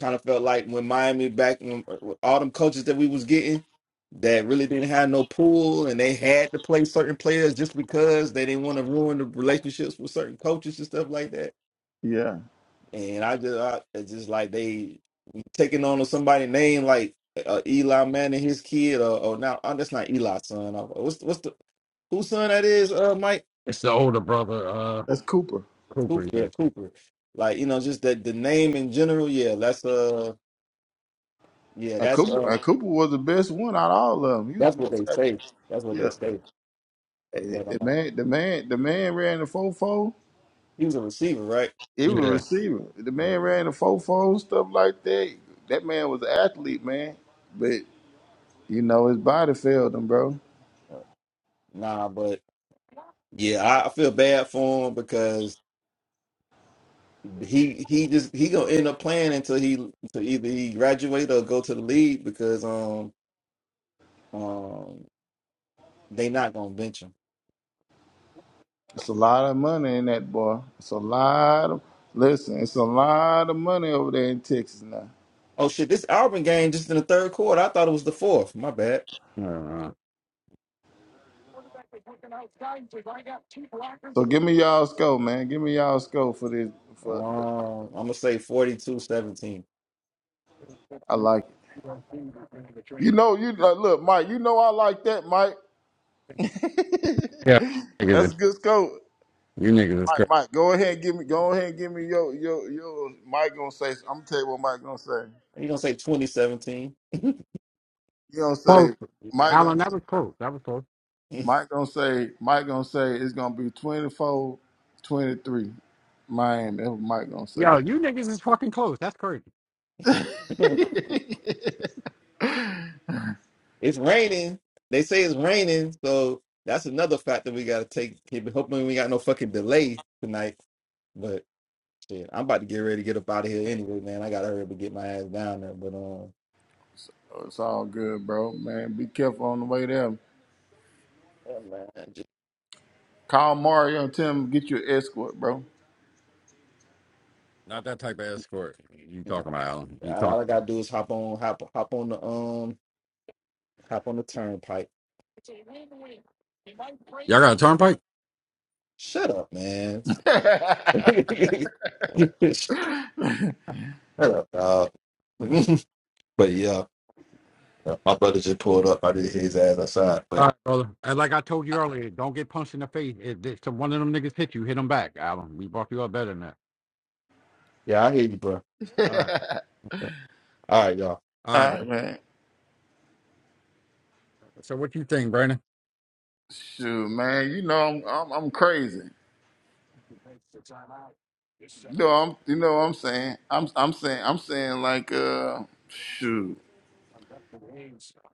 [SPEAKER 2] kind of felt like when Miami back when all them coaches that we was getting that really didn't have no pool and they had to play certain players just because they didn't want to ruin the relationships with certain coaches and stuff like that.
[SPEAKER 3] Yeah,
[SPEAKER 2] And I just, I it's just like they taking on somebody named like uh, Eli Manning, his kid, or, or now uh, that's not Eli's son. Uh, What's what's the whose son that is? Uh, Mike
[SPEAKER 1] It's the older brother, uh,
[SPEAKER 3] that's Cooper.
[SPEAKER 1] Cooper.
[SPEAKER 2] Cooper. Yeah,
[SPEAKER 1] Yeah,
[SPEAKER 2] Cooper. Like you know, just that the name in general. Yeah, that's uh, yeah,
[SPEAKER 3] And
[SPEAKER 2] that's
[SPEAKER 3] Cooper
[SPEAKER 2] uh,
[SPEAKER 3] and Cooper was the best one out of all of them. He was the
[SPEAKER 2] that's what
[SPEAKER 3] most.
[SPEAKER 2] they
[SPEAKER 3] active.
[SPEAKER 2] say. That's what they
[SPEAKER 3] Yeah,
[SPEAKER 2] say.
[SPEAKER 3] Hey,
[SPEAKER 2] But
[SPEAKER 3] The
[SPEAKER 2] uh,
[SPEAKER 3] man, the man, the man ran the fofo.
[SPEAKER 2] he was a receiver, right?
[SPEAKER 3] He was a
[SPEAKER 1] yeah.
[SPEAKER 3] receiver. The
[SPEAKER 2] Mm,
[SPEAKER 3] man ran the fofo stuff like that. That man was an athlete, man. But you know his body failed him, bro.
[SPEAKER 2] uh, Nah, but yeah, I I feel bad for him because he he just he gonna end up playing until he until either he graduate or go to the league because um. um, They not gonna bench him.
[SPEAKER 3] It's a lot of money in that boy. It's a lot of listen. It's a lot of money over there in Texas now.
[SPEAKER 2] Oh shit, this Auburn game just in the third quarter. I thought it was the fourth. My bad.
[SPEAKER 1] Uh,
[SPEAKER 3] So give me y'all score, man. Give me y'all score for this. For the,
[SPEAKER 2] Um, I'm gonna say forty-two seventeen.
[SPEAKER 3] I like it. You know, you uh, look, Mike. You know I like that, Mike.
[SPEAKER 1] yeah, niggas,
[SPEAKER 3] That's
[SPEAKER 1] is-
[SPEAKER 3] a good score.
[SPEAKER 1] you niggas is crazy.
[SPEAKER 3] Mike, Mike, go ahead, and give me, go ahead, and give me your, your, your. Mike gonna say, I'm gonna tell you what Mike gonna say.
[SPEAKER 2] You gonna say 2017?
[SPEAKER 3] He gonna
[SPEAKER 1] Close.
[SPEAKER 3] say, Mike gonna,
[SPEAKER 1] Alan, that
[SPEAKER 3] say
[SPEAKER 1] was close. That was close.
[SPEAKER 3] Mike gonna say, Mike gonna say it's gonna be 24, 23, Miami. That's what Mike gonna say.
[SPEAKER 1] Yo, you niggas is fucking close. That's crazy.
[SPEAKER 2] it's raining. They say it's raining, so that's another factor we gotta take. Keep hoping we got no fucking delay tonight. But shit, I'm about to get ready to get up out of here anyway, man. I gotta hurry up and get my ass down there. But um,
[SPEAKER 3] Oh, It's all good, bro. Man, be careful on the way there.
[SPEAKER 2] yeah, man, just,
[SPEAKER 3] Call Mario and tell him to get you an escort, bro.
[SPEAKER 1] Not that type of escort. You
[SPEAKER 2] nah.
[SPEAKER 1] talking about Alan? You
[SPEAKER 2] all
[SPEAKER 1] talk.
[SPEAKER 2] all I gotta do is hop on, hop, hop on the um, hop on the turnpike
[SPEAKER 1] Y'all got a turnpike?
[SPEAKER 2] Shut up, man.
[SPEAKER 3] all
[SPEAKER 2] Shut up, dog. but yeah, my brother just pulled up. I did his ass outside.
[SPEAKER 1] All
[SPEAKER 2] But
[SPEAKER 1] right, brother. And like I told you earlier, don't get punched in the face. If this- if one of them niggas hit you, hit them back, Alan. We brought you up better than that.
[SPEAKER 2] yeah, I hear you, bro.
[SPEAKER 1] All right,
[SPEAKER 2] Yeah. All right, y'all.
[SPEAKER 1] all right, bro.
[SPEAKER 3] right, man.
[SPEAKER 1] So what you think, Brandon?
[SPEAKER 3] Shoot, man. You know I'm, I'm, I'm crazy. No, I'm you know what I'm saying. I'm I'm saying I'm saying like uh shoot.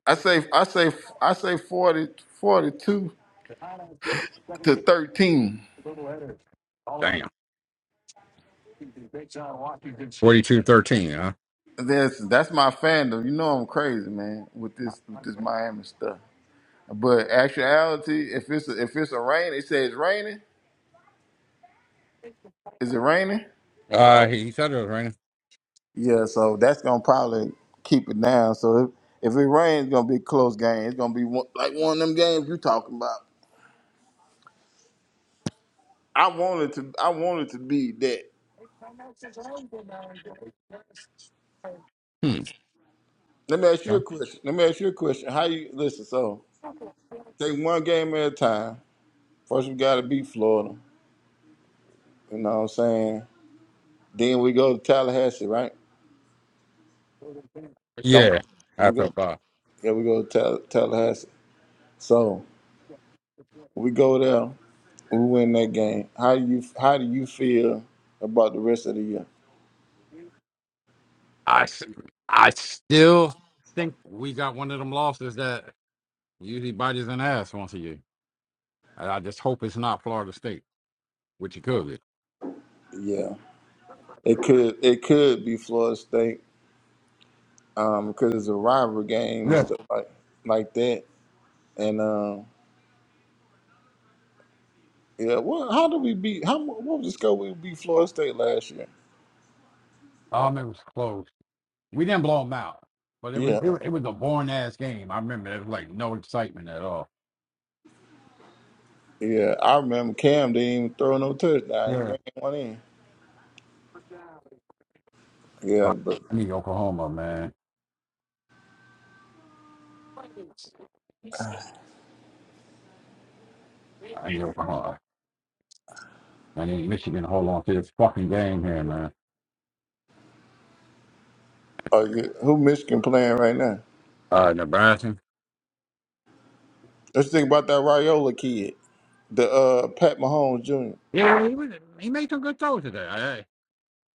[SPEAKER 3] I say I say I say 40 42 to 13.
[SPEAKER 1] Damn, forty-two thirteen, huh?
[SPEAKER 3] That's that's my fandom. You know I'm crazy, man, with this with this Miami stuff. But actuality, if it's a, if it's a rain, it says raining. Is it raining?
[SPEAKER 1] Uh, he said it was raining.
[SPEAKER 3] Yeah, so that's gonna probably keep it down. So if, if it rains, it's gonna be a close game. It's gonna be one, like one of them games you talking about. I want it to. I want it to be that.
[SPEAKER 1] Hmm.
[SPEAKER 3] Let me ask you a question. Let me ask you a question. How you listen? So take one game at a time. First, we got to beat Florida. You know what I'm saying? Then we go to Tallahassee, right? Don't
[SPEAKER 1] Yeah, I
[SPEAKER 3] we go?
[SPEAKER 1] felt bad.
[SPEAKER 3] Yeah, we go to Tal- Tallahassee. So we go there. We win that game. How do you How do you feel about the rest of the year?
[SPEAKER 1] I, s- I still think we got one of them losses that usually bites an ass once a year. And I just hope it's not Florida State, which it could be.
[SPEAKER 3] Yeah, it could it could be Florida State um, because it's a rivalry game and
[SPEAKER 1] Yes.
[SPEAKER 3] stuff like like that. And um, Yeah, well, how did we beat? How mu- what was the score we beat Florida State last year?
[SPEAKER 1] Um, it was close. We didn't blow them out, but it was
[SPEAKER 3] Yeah,
[SPEAKER 1] it, was- it was a boring ass game. I remember there was like no excitement at all.
[SPEAKER 3] yeah, I remember Cam didn't even throw no touchdown. He
[SPEAKER 1] Yeah.
[SPEAKER 3] ran one in. Yeah,
[SPEAKER 1] I
[SPEAKER 3] but
[SPEAKER 1] need Oklahoma, man. I need Oklahoma. I need Michigan to hold on to this fucking game here, man.
[SPEAKER 3] uh, yeah, who Michigan playing right now?
[SPEAKER 1] Uh, Nebraska.
[SPEAKER 3] Let's think about that Raiola kid, the uh, Pat Mahomes Jr.
[SPEAKER 1] Yeah, well, he was, he made some good throws today. I, I-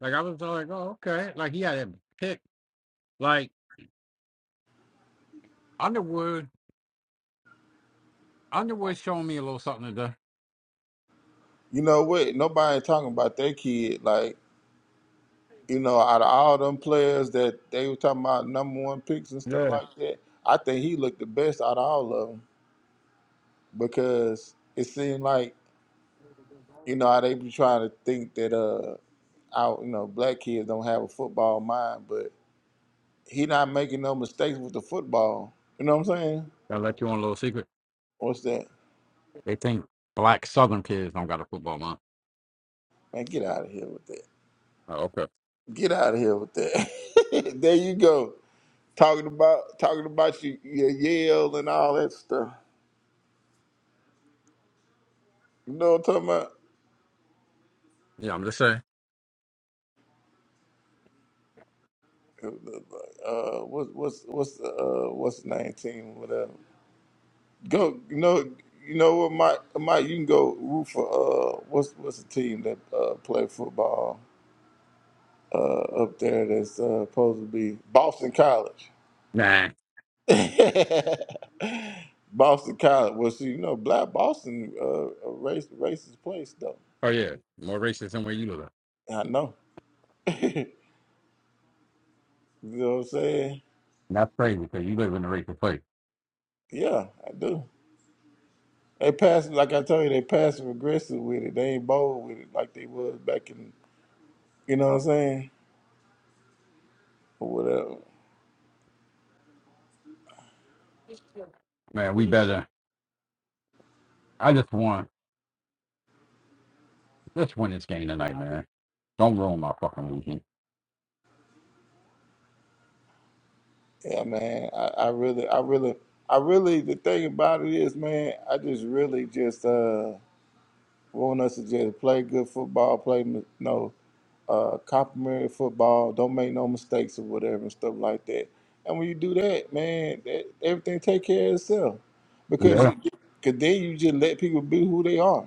[SPEAKER 1] like I was like, oh okay. Like he had a pick Like Underwood, Underwood showing me a little something today.
[SPEAKER 3] You know what? Nobody ain't talking about that kid. Like you know, out of all them players that they were talking about number one picks and stuff
[SPEAKER 1] Yeah,
[SPEAKER 3] like that, I think he looked the best out of all of them because it seemed like you know how they be trying to think that uh. out, you know, black kids don't have a football mind, but he not making no mistakes with the football. You know what I'm saying?
[SPEAKER 1] I let you on a little secret.
[SPEAKER 3] What's that?
[SPEAKER 1] They think black Southern kids don't got a football mom.
[SPEAKER 3] Man, get out of here with that.
[SPEAKER 1] Oh, okay.
[SPEAKER 3] Get out of here with that. there you go. Talking about talking about your, your yell and all that stuff. You know what I'm talking about?
[SPEAKER 1] Yeah, I'm just saying.
[SPEAKER 3] Uh, what's what's what's uh what's the name team? Whatever. Go. You know. You know what, Mike? Mike, you can go root for uh what's what's the team that uh play football? uh, up there that's uh, supposed to be Boston College.
[SPEAKER 1] Nah.
[SPEAKER 3] Boston College. Well, see, you know, black Boston, uh, a race, racist place though.
[SPEAKER 1] Oh yeah, more racist than where you live. at.
[SPEAKER 3] I know. you know what I'm saying?
[SPEAKER 1] And That's crazy because you live in a racist place,
[SPEAKER 3] Yeah, I do. They pass, like I told you, they passive aggressive with it. They ain't bold with it like they was back in, you know what I'm saying? Or whatever.
[SPEAKER 1] man. We better. I just want let's win this game tonight, man. Don't ruin my fucking weekend.
[SPEAKER 3] Yeah, man. I, I really, I really, I really, the thing about it is, man, I just really just, uh, want us to just play good football, play you know, uh, complimentary football, don't make no mistakes or whatever and stuff like that. And when you do that, man, that, everything take care of itself because
[SPEAKER 1] Yeah.
[SPEAKER 3] you, cause then you just let people be who they are.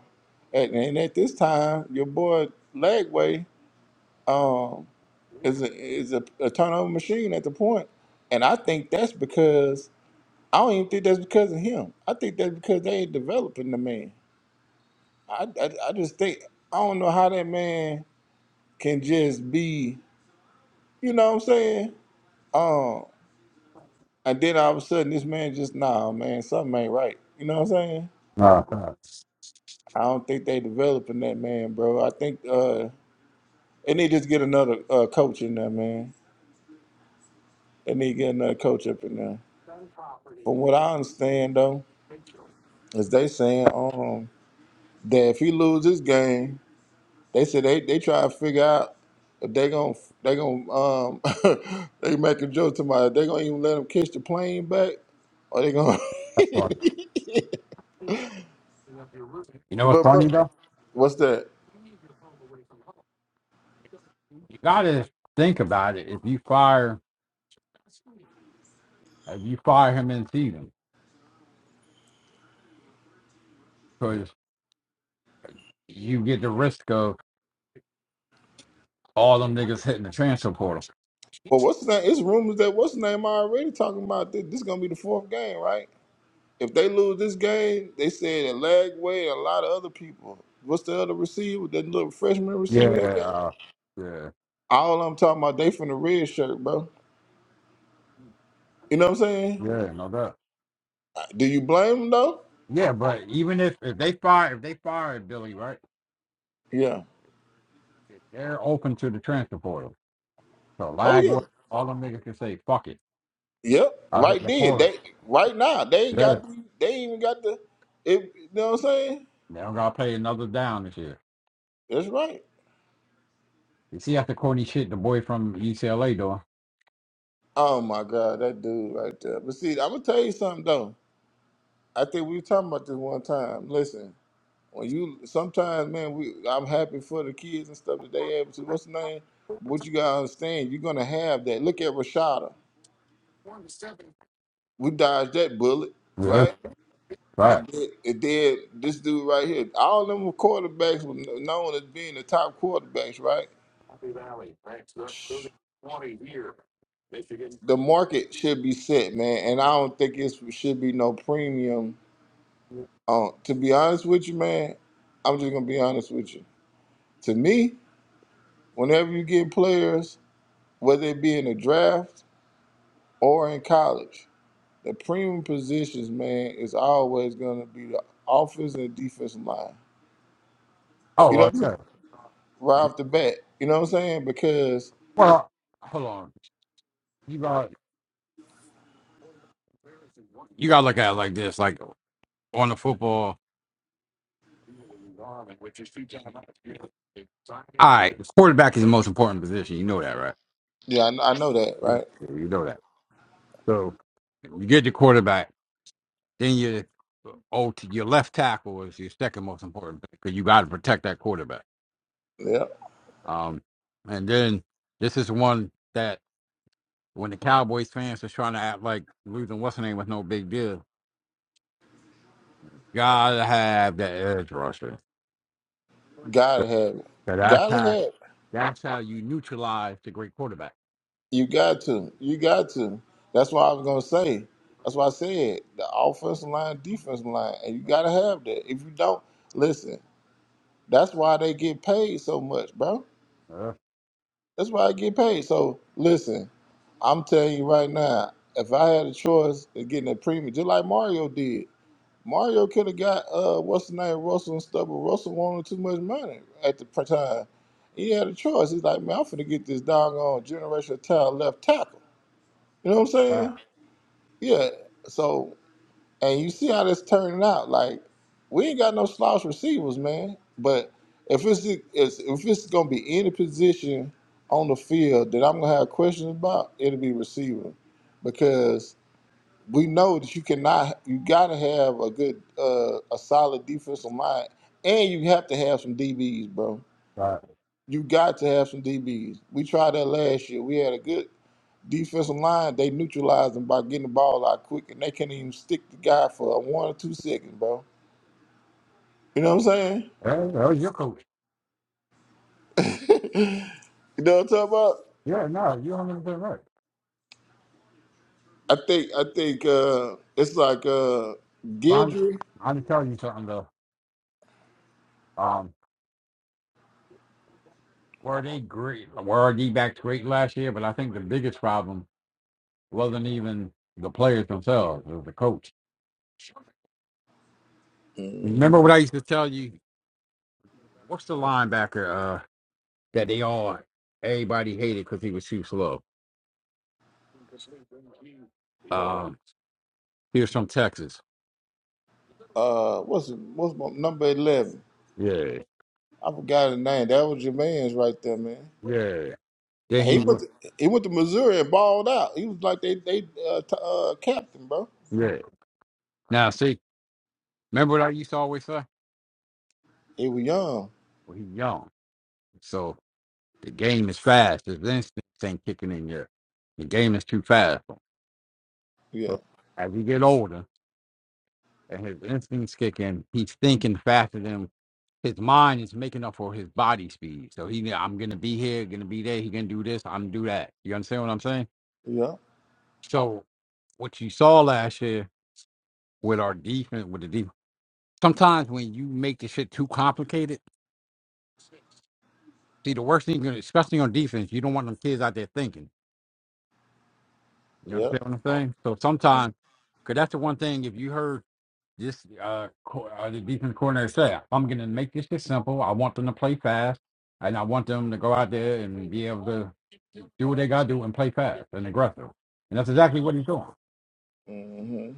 [SPEAKER 3] And, and at this time, your boy Lagway um, is a, is a, a turnover machine at the point, and I think that's because I don't even think that's because of him. I think that's because they ain't developing the man. I, I, I just think I don't know how that man can just be, you know what I'm saying? Um, and then all of a sudden this man just nah, man, something ain't right. You know what I'm saying?
[SPEAKER 1] Nah. nah,
[SPEAKER 3] I don't think they developing that man, bro. I think uh, they need to just get another uh, coach in there, man. They need to get another coach up in there. From what I understand though, is they saying um that if he lose this game, They said they they try to figure out if they gon' they gon' um they make a joke to my they gonna even let them catch the plane back or they gonna
[SPEAKER 1] that's funny. You know what's
[SPEAKER 3] but,
[SPEAKER 1] funny
[SPEAKER 3] but
[SPEAKER 1] though?
[SPEAKER 3] what's that?
[SPEAKER 1] You gotta think about it. If you fire, if you fire him in season, because you get the risk of all them niggas hitting the transfer portal.
[SPEAKER 3] But what's the name? It's rumors that what's the name already talking about this, this gonna be the fourth game, right? If they lose this game, they said that Lagway and a lot of other people. What's the other receiver? That little freshman
[SPEAKER 1] Yeah,
[SPEAKER 3] receiver they got?
[SPEAKER 1] uh, yeah,
[SPEAKER 3] All I'm talking about, they from the red shirt, bro. You know what I'm saying?
[SPEAKER 1] yeah, no doubt.
[SPEAKER 3] Do you blame them though?
[SPEAKER 1] Yeah, but even if if they fire if they fired Billy, right,
[SPEAKER 3] Yeah.
[SPEAKER 1] they're open to the transfer portal. So
[SPEAKER 3] Oh
[SPEAKER 1] Lagway,
[SPEAKER 3] yeah.
[SPEAKER 1] all them niggas can say, "Fuck it,
[SPEAKER 3] Yep,
[SPEAKER 1] I hit
[SPEAKER 3] right
[SPEAKER 1] the
[SPEAKER 3] then.
[SPEAKER 1] portal."
[SPEAKER 3] They right now they ain't
[SPEAKER 1] Yeah,
[SPEAKER 3] got they ain't even got the. It, you know what I'm saying?
[SPEAKER 1] they don't gotta play another down this year.
[SPEAKER 3] That's right.
[SPEAKER 1] You see, after Courtney shit, the boy from UCLA doing.
[SPEAKER 3] Oh my God, that dude right there. But see, I'm gonna tell you something though. I think we were talking about this one time. Listen, when you sometimes, man, we I'm happy for the kids and stuff that they able to. What's the name? What you gotta understand, you're gonna have that. Look at Rashada. We dodged that bullet,
[SPEAKER 1] Yeah,
[SPEAKER 3] right?
[SPEAKER 1] right.
[SPEAKER 3] And then, and then this dude right here. All them were quarterbacks were known as being the top quarterbacks, right?
[SPEAKER 1] Happy Valley, thanks. They're twenty year. Michigan
[SPEAKER 3] the market should be set, man, and I don't think it should be no premium. Um, to be honest with you, man, I'm just gonna be honest with you. To me, whenever you get players, whether it be in the draft or in college, the premium positions, man, is always gonna be the offense and defensive line.
[SPEAKER 1] Oh,
[SPEAKER 3] You know,
[SPEAKER 1] well,
[SPEAKER 3] what I'm saying?
[SPEAKER 1] yeah.
[SPEAKER 3] right off the bat. You know what I'm saying? Because
[SPEAKER 1] Well, hold on. You got you got to look at it like this, like on the football. All right, quarterback is the most important position. You know that, right?
[SPEAKER 3] yeah, I, I know that,
[SPEAKER 1] Yeah,
[SPEAKER 3] right?
[SPEAKER 1] you know that. So you get your quarterback, then your oh, your left tackle is your second most important because you got to protect that quarterback.
[SPEAKER 3] Yeah,
[SPEAKER 1] Um, and then this is one that when the Cowboys fans are trying to act like losing what's her name was no big deal, Gotta have that edge rusher.
[SPEAKER 3] gotta
[SPEAKER 1] That-
[SPEAKER 3] have it.
[SPEAKER 1] That's
[SPEAKER 3] Gotta have.
[SPEAKER 1] how.
[SPEAKER 3] It.
[SPEAKER 1] That's how you neutralize the great quarterback.
[SPEAKER 3] You got to. You got to. That's what I was gonna say. That's why I said the offensive line, defensive line, and you gotta have that. If you don't, listen. That's why they get paid so much, bro.
[SPEAKER 1] Uh,
[SPEAKER 3] That's why I get paid. So listen, I'm telling you right now, if I had a choice of getting a premium, just like Mario did, Mario could have got uh what's the name Russell and stuff, but Russell wanted too much money at the pr- time. He had a choice. He's like, man, I'm finna get this doggone generational talent left tackle. You know what I'm saying?
[SPEAKER 1] uh,
[SPEAKER 3] Yeah. So, and you see how that's turning out. Like, we ain't got no slouch receivers, man. But if it's it's- if it's gonna be any position on the field that I'm gonna have questions about, it'll be receiver, because we know that you cannot. You gotta have a good, uh, a solid defensive line, and you have to have some DBs, bro.
[SPEAKER 1] uh,
[SPEAKER 3] You got to have some DBs. We tried that last year. We had a good Defensive line, they neutralize them by getting the ball out quick, and they can't even stick the guy for one or two seconds, bro. You know what I'm saying?
[SPEAKER 1] hey, that was your coach.
[SPEAKER 3] You know what I'm talking about?
[SPEAKER 1] Yeah, no, you're 100 percent right.
[SPEAKER 3] I think I think uh, it's like uh,
[SPEAKER 1] But I'm,
[SPEAKER 3] Guidry.
[SPEAKER 1] I'm telling you something though. Um, were they great? Were our D backs great last year? But I think the biggest problem wasn't even the players themselves. It was the coach.
[SPEAKER 3] hmm
[SPEAKER 1] Remember what I used to tell you? What's the linebacker uh, that they all everybody hated because he was too slow? Um, he was from Texas.
[SPEAKER 3] Uh, what's what's my, number eleven?
[SPEAKER 1] Yeah.
[SPEAKER 3] I forgot his name. That was your man's right there, man.
[SPEAKER 1] Yeah. Then he
[SPEAKER 3] He went
[SPEAKER 1] went.
[SPEAKER 3] to, he went to Missouri and balled out. He was like they they uh, t- uh, captain, bro.
[SPEAKER 1] Yeah. Now see, remember what I used to always say?
[SPEAKER 3] He was young.
[SPEAKER 1] Well, he's young, so the game is fast. His instincts ain't kicking in yet. The game is too fast.
[SPEAKER 3] Yeah,
[SPEAKER 1] So as he get older and his instincts kick in, he's thinking faster than his mind is making up for his body speed. So he, I'm gonna be here, gonna be there. He gonna do this. I'm gonna do that. You understand what I'm saying?
[SPEAKER 3] yeah,
[SPEAKER 1] So what you saw last year with our defense, with the defense. Sometimes when you make the shit too complicated See, the worst thing, especially on defense, you don't want them kids out there thinking. You
[SPEAKER 3] yeah.
[SPEAKER 1] understand what I'm saying? So sometimes, because that's the one thing, if you heard this uh, co- uh the defense coordinator say, I'm going to make this shit simple. I want them to play fast, and I want them to go out there and be able to do what they got to do and play fast and aggressive. And that's exactly what he's doing.
[SPEAKER 3] hmm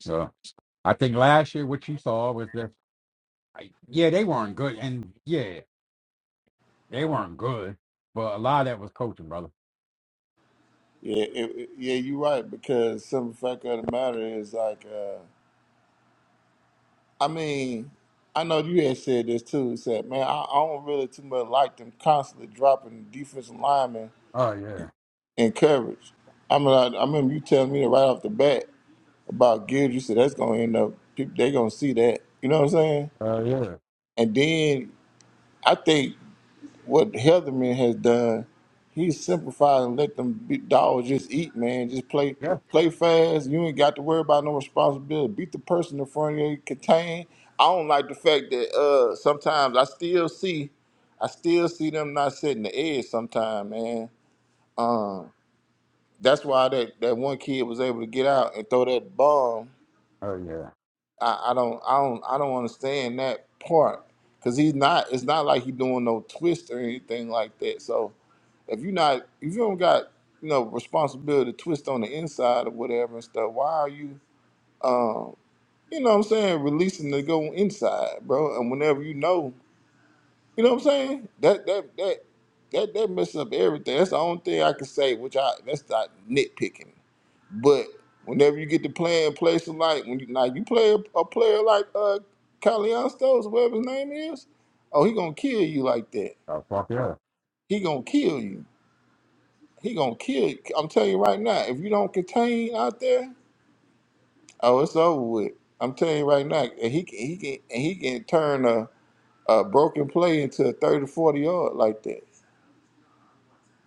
[SPEAKER 1] So I think last year what you saw was that yeah they weren't good and yeah they weren't good, but a lot of that was coaching, brother.
[SPEAKER 3] Yeah, it, it- yeah, you're right. Because some fact of the matter is like, uh, I mean, I know you had said this too. Said, man, I, I don't really too much like them constantly dropping defensive linemen
[SPEAKER 1] Oh yeah.
[SPEAKER 3] in coverage. I mean, I, I remember you telling me that right off the bat about Gibbs. You said that's gonna end up people they gonna see that. You know what I'm saying?
[SPEAKER 1] Oh yeah.
[SPEAKER 3] And then I think. what Heatherman has done, he simplified and let them be- dogs just eat, man. Just play
[SPEAKER 1] Yeah.
[SPEAKER 3] play fast. You ain't got to worry about no responsibility. Beat the person in front of you, contain. I don't like the fact that uh sometimes I still see I still see them not setting the edge sometime, man. Um that's why that, that one kid was able to get out and throw that bomb.
[SPEAKER 1] Oh yeah.
[SPEAKER 3] I, I don't I don't I don't understand that part. Cause he's not it's not like he doing no twist or anything like that. So if you not, if you don't got you know responsibility to twist on the inside or whatever and stuff, why are you, um, you know what I'm saying, releasing to go inside, bro? And whenever you know, you know what I'm saying, that that that that that messes up everything. That's the only thing I can say, which I that's not nitpicking, but. Whenever you get to playing places like when you now you play a, a player like uh Caliastos, whatever his name is, oh he gonna kill you like that.
[SPEAKER 1] Oh fuck yeah.
[SPEAKER 3] He gonna kill you. He gonna kill. I'm telling you right now, if you don't contain out there, oh, it's over with. I'm telling you right now, and he can, he can, and he can turn a, a broken play into a 30, 40 yard like that.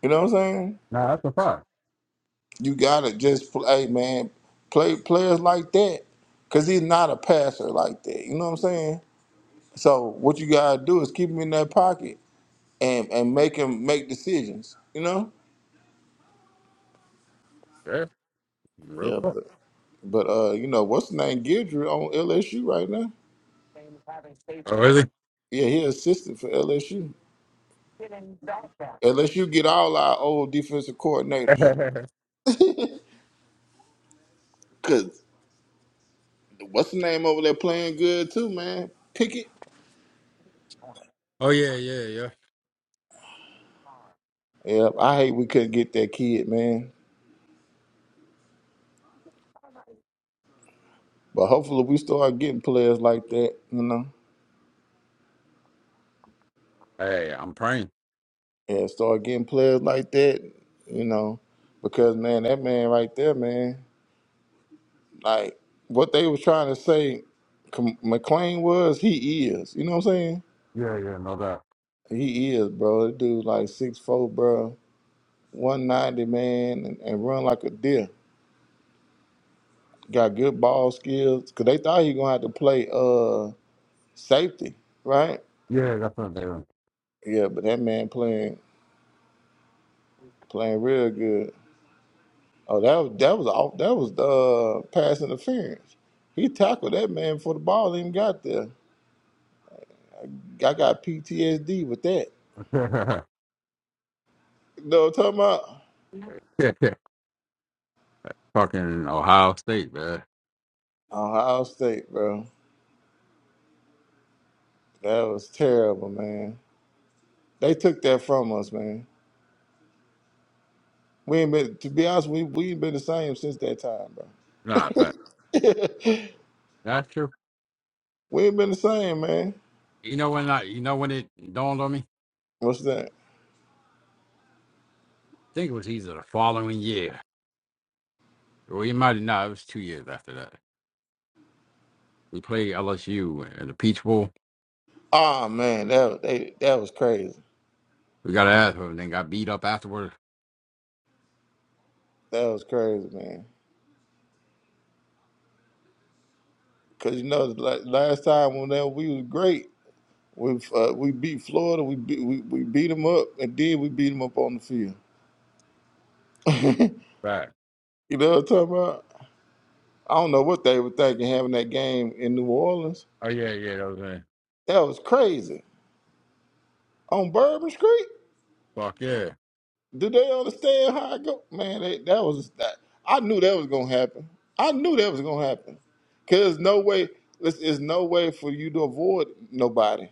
[SPEAKER 3] You know what I'm saying?
[SPEAKER 1] Nah, that's a fact.
[SPEAKER 3] You gotta just play, man. Play players like that, cause he's not a passer like that. You know what I'm saying? So what you gotta do is keep him in that pocket and and make him make decisions. You know?
[SPEAKER 1] Yeah. Real
[SPEAKER 3] Yeah,
[SPEAKER 1] fuck.
[SPEAKER 3] but but uh, you know what's the name Gidry on LSU right now?
[SPEAKER 1] Oh really?
[SPEAKER 3] Yeah, he assisted for LSU. LSU get all our old defensive coordinators. Cause what's the name over there playing good too, man? Pickett.
[SPEAKER 1] Oh yeah, yeah, yeah.
[SPEAKER 3] Yep, I hate we couldn't get that kid, man. But hopefully we start getting players like that, you know.
[SPEAKER 1] Hey, I'm praying.
[SPEAKER 3] Yeah, start getting players like that, you know. Because man, that man right there, man, like what they was trying to say Com- McLean was, he is. You know what I'm saying?
[SPEAKER 1] Yeah, yeah, no doubt.
[SPEAKER 3] He is, bro. That dude like six foot four, bro. 190 man and, and run like a deer. Got good ball skills. Cause they thought he gonna have to play uh safety, right?
[SPEAKER 1] Yeah, that's what
[SPEAKER 3] Yeah, but that man playing playing real good. Oh, that was that was off that was the uh, pass interference. He tackled that man before the ball even got there. I got PTSD with that.
[SPEAKER 1] I'm
[SPEAKER 3] You know what I'm talking about?
[SPEAKER 1] doing. Fucking Ohio State, man.
[SPEAKER 3] Ohio State, bro. That was terrible, man. They took that from us, man. We ain't been to be honest, we we ain't been the same since that time, bro.
[SPEAKER 1] Nah, but that's true.
[SPEAKER 3] we ain't been the same, man.
[SPEAKER 1] You know when I, you know when it dawned on me. I
[SPEAKER 3] What's that?
[SPEAKER 1] think it was either the following year, or it might not. It was two years after that. We played LSU in the Peach Bowl.
[SPEAKER 3] Ah, man, that was- they, that was crazy.
[SPEAKER 1] We got an asshole and then got beat up afterwards.
[SPEAKER 3] That was crazy, man. Cause you know, like, last time when that we was great, we uh, we beat Florida, we beat we, we beat them up, and then we beat them up on the field.
[SPEAKER 1] Right.
[SPEAKER 3] you know what I'm talking about? I don't know what they were thinking having that game in New Orleans.
[SPEAKER 1] Oh yeah, yeah, that was in.
[SPEAKER 3] That was crazy on Bourbon Street.
[SPEAKER 1] Fuck yeah,
[SPEAKER 3] Do they understand how I go? Man, they, that was that. I knew that was gonna happen. I knew that was gonna happen. Cause there's no way. Listen, it's no way for you to avoid nobody.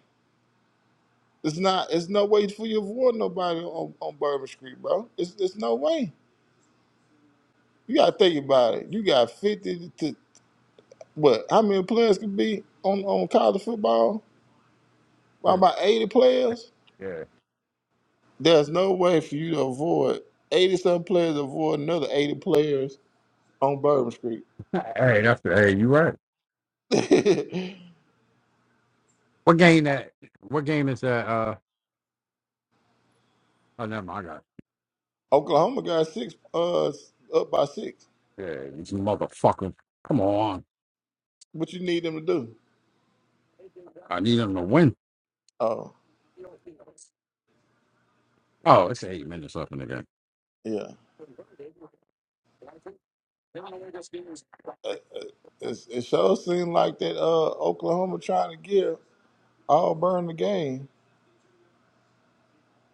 [SPEAKER 3] It's not. It's no way for you to avoid nobody on, on Bourbon Street, bro. It's it's no way. You gotta think about it. You got fifty to what? How many players could be on on college football? About
[SPEAKER 1] yeah,
[SPEAKER 3] about eighty players.
[SPEAKER 1] yeah.
[SPEAKER 3] There's no way for you to avoid eighty some players. Avoid another eighty players on Bourbon Street.
[SPEAKER 1] hey, that's the, hey, you right. What game that? What game is that? Uh, oh, never mind. I got
[SPEAKER 3] Oklahoma got six uh up by six.
[SPEAKER 1] it. yeah, these motherfuckers. Come on,
[SPEAKER 3] What you need them to do?
[SPEAKER 1] I need them to win.
[SPEAKER 3] Oh
[SPEAKER 1] Oh, it's eight minutes left in the game.
[SPEAKER 3] yeah, Uh, it's, it sure seemed like that. Uh, Oklahoma trying to give Auburn the game.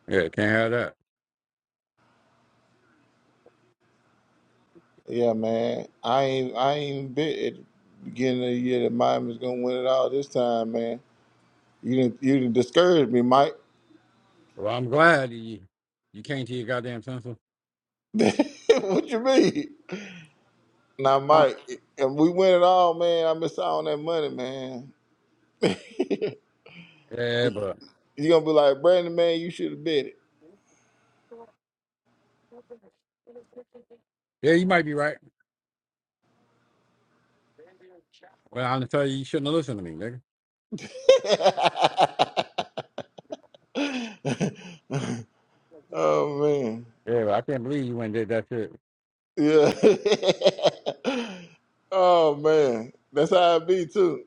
[SPEAKER 1] Yeah, can't have that.
[SPEAKER 3] Yeah, man, I ain't I ain't bet at the beginning of the year that Miami's gonna win it all this time, man. You didn't you didn't discourage me, Mike.
[SPEAKER 1] Well, I'm glad you you came to your goddamn senses.
[SPEAKER 3] what you mean? Now,
[SPEAKER 1] Uh,
[SPEAKER 3] Mike, if we win it all, man, I miss out on that money, man.
[SPEAKER 1] Yeah, but
[SPEAKER 3] You're gonna be like, Brandon, man, you should have bet
[SPEAKER 1] yeah, you might be right. Well, I'm gonna tell you, you shouldn't have listened to me, nigga.
[SPEAKER 3] it. oh man.
[SPEAKER 1] Yeah, but I can't believe you went and did that shit.
[SPEAKER 3] Yeah. oh man. That's how it be too.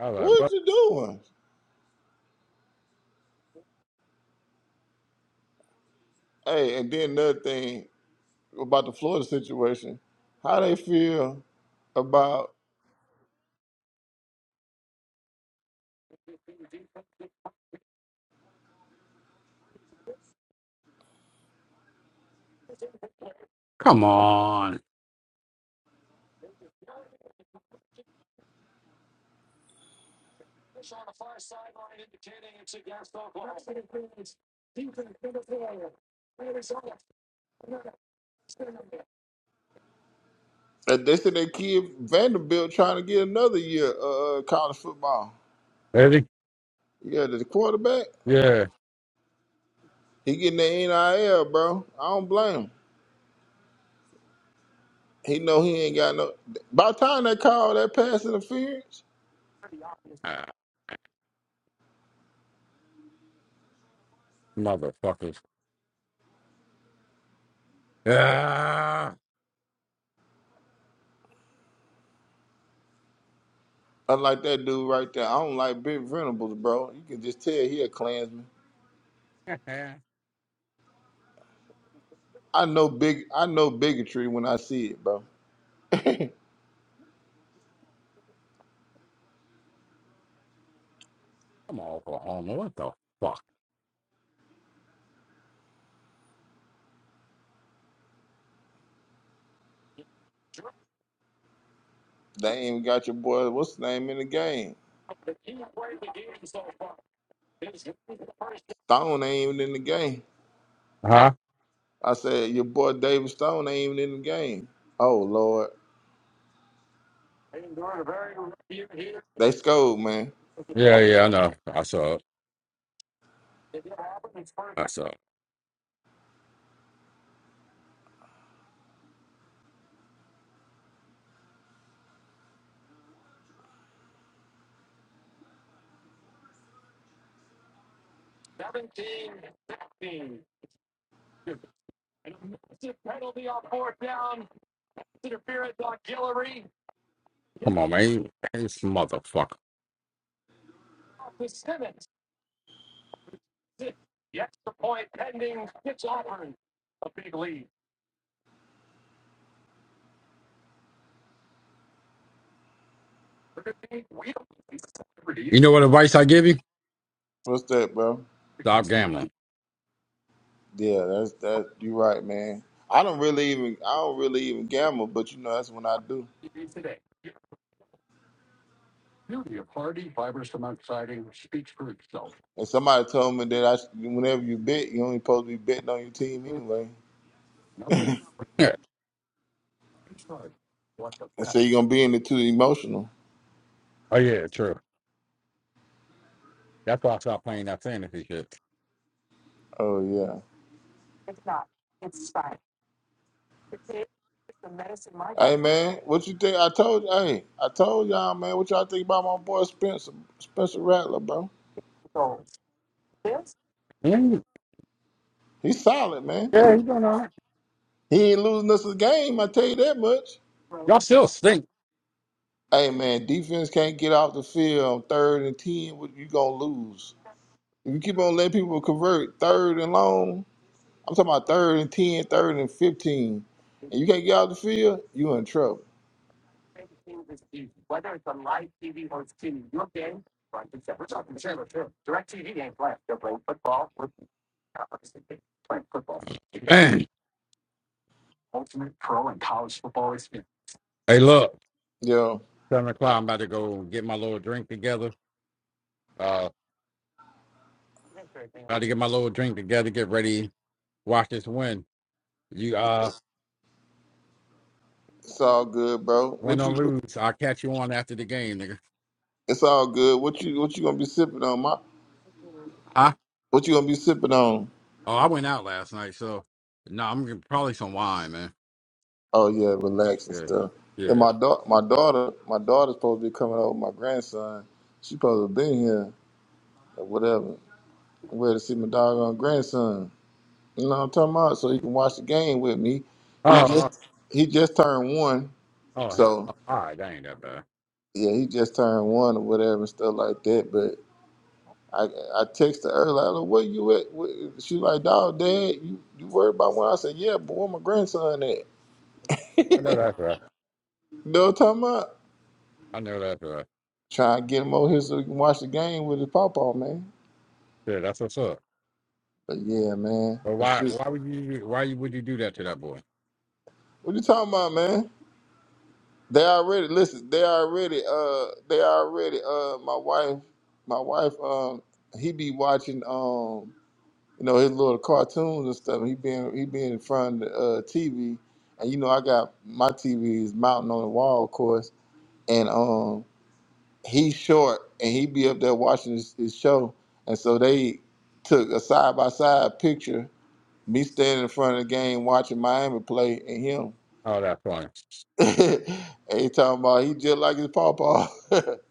[SPEAKER 1] I was like,
[SPEAKER 3] What
[SPEAKER 1] what?
[SPEAKER 3] you doing? Hey, and then another thing about the Florida situation, how they feel about
[SPEAKER 1] Come on,
[SPEAKER 3] uh, they said they kid Vanderbilt trying to get another year uh college football.
[SPEAKER 1] ready?
[SPEAKER 3] Yeah, the quarterback,
[SPEAKER 1] Yeah,
[SPEAKER 3] he getting the NIL, bro. I don't blame him. He know he ain't got no by the time they call that pass interference.
[SPEAKER 1] ah, motherfuckers. Ah,
[SPEAKER 3] Unlike that dude right there, I don't like Big Venables, bro. You can just tell he a Klansman.
[SPEAKER 1] Come
[SPEAKER 3] I know big, I know bigotry when I see it, bro.
[SPEAKER 1] on, Oklahoma. What the fuck?
[SPEAKER 3] They ain't even got your boy. What's his name in the game? Stone ain't even in the game.
[SPEAKER 1] Huh?
[SPEAKER 3] I said your boy David Stone ain't even in the game. Oh Lord, they scold, man.
[SPEAKER 1] Yeah, yeah, I know. I saw it. I saw it. Come on, man. You- This motherfucker. You know what advice I give you?
[SPEAKER 3] What's that, bro?
[SPEAKER 1] Stop gambling.
[SPEAKER 3] Yeah, that's that. You right, man. I don't really even, I don't really even gamble, but you know that's when I do. And somebody told me that I, should- whenever you bet, you only supposed to be betting on your team anyway.
[SPEAKER 1] Yeah.
[SPEAKER 3] They say you're gonna be in it too emotional.
[SPEAKER 1] Oh, yeah, true. That's why I stopped playing that fantasy shit.
[SPEAKER 3] Oh yeah. Hey man, what you think? I told hey, I told y'all man, what y'all think about my boy Spencer Spencer Rattler, bro?
[SPEAKER 1] Mm,
[SPEAKER 3] He's solid, man. He ain't losing us a game, I tell you that much.
[SPEAKER 1] Y'all still stink.
[SPEAKER 3] Hey man, defense can't get off the field on third and ten, what you gonna lose. If you keep on letting people convert third and long, I'm talking about third and 10, third and fifteen, and you can't get off the field, you in trouble.
[SPEAKER 1] Man. Hey, look.
[SPEAKER 3] Yo,
[SPEAKER 1] 7 o'clock. I'm about to go get my little drink together. Uh, about to get my little drink together, get ready, watch this win. You uh
[SPEAKER 3] it's all good, bro.
[SPEAKER 1] win
[SPEAKER 3] What
[SPEAKER 1] or
[SPEAKER 3] you?
[SPEAKER 1] lose, I'll catch you on after the game, nigga.
[SPEAKER 3] It's all good. What you what you gonna be sipping on? My
[SPEAKER 1] I
[SPEAKER 3] what you gonna be sipping on?
[SPEAKER 1] oh I went out last night, so no, I'm gonna probably some wine, man.
[SPEAKER 3] Oh yeah, relax and
[SPEAKER 1] Yeah,
[SPEAKER 3] stuff. And
[SPEAKER 1] yeah.
[SPEAKER 3] my daughter, my daughter, my daughter's supposed to be coming over with my grandson. She supposed to be here or whatever. I'm ready to see my doggone grandson. You know what I'm talking about? So he can watch the game with me. He
[SPEAKER 1] Oh, oh,
[SPEAKER 3] just he just turned one,
[SPEAKER 1] oh, hell,
[SPEAKER 3] so
[SPEAKER 1] oh, all right, that ain't that bad.
[SPEAKER 3] yeah, he just turned one or whatever and stuff like that. But I I texted her earlier, like, where you at? Where-" She like, dog, dad, you, you worried about when I said, yeah, but where my grandson at?
[SPEAKER 1] I know that's right.
[SPEAKER 3] No time out.
[SPEAKER 1] I know that's right.
[SPEAKER 3] Try and get him over here so we can watch the game with his pawpaw, man.
[SPEAKER 1] Yeah, that's what's up.
[SPEAKER 3] But yeah, man.
[SPEAKER 1] But
[SPEAKER 3] But
[SPEAKER 1] why,
[SPEAKER 3] shoot.
[SPEAKER 1] why would you, why you would you do that to that boy?
[SPEAKER 3] What you talking about, man? They already listen, they already uh they already uh my wife my wife um he be watching um you know his little cartoons and stuff. He been he been in front of the uh TV and you know I got my TV is mounting on the wall of course and um he's short and he be up there watching his, his show. And so they took a side by side picture, me standing in front of the game watching Miami play and him.
[SPEAKER 1] Oh, that's funny.
[SPEAKER 3] and he talking about he just like his pawpaw.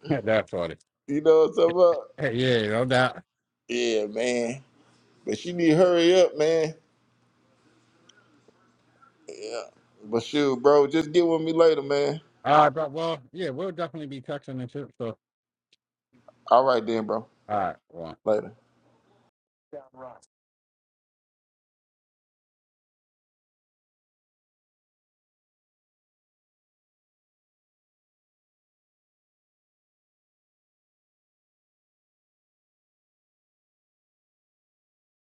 [SPEAKER 1] that's funny.
[SPEAKER 3] you know what I'm talking about?
[SPEAKER 1] Hey, yeah, no doubt.
[SPEAKER 3] Yeah, man. But she need to hurry up, man. Yeah. But shoot, bro, just get with me later, man.
[SPEAKER 1] All right, but well, yeah, we'll definitely be texting and shit. So,
[SPEAKER 3] All right then, bro.
[SPEAKER 1] all right, well.
[SPEAKER 3] Later.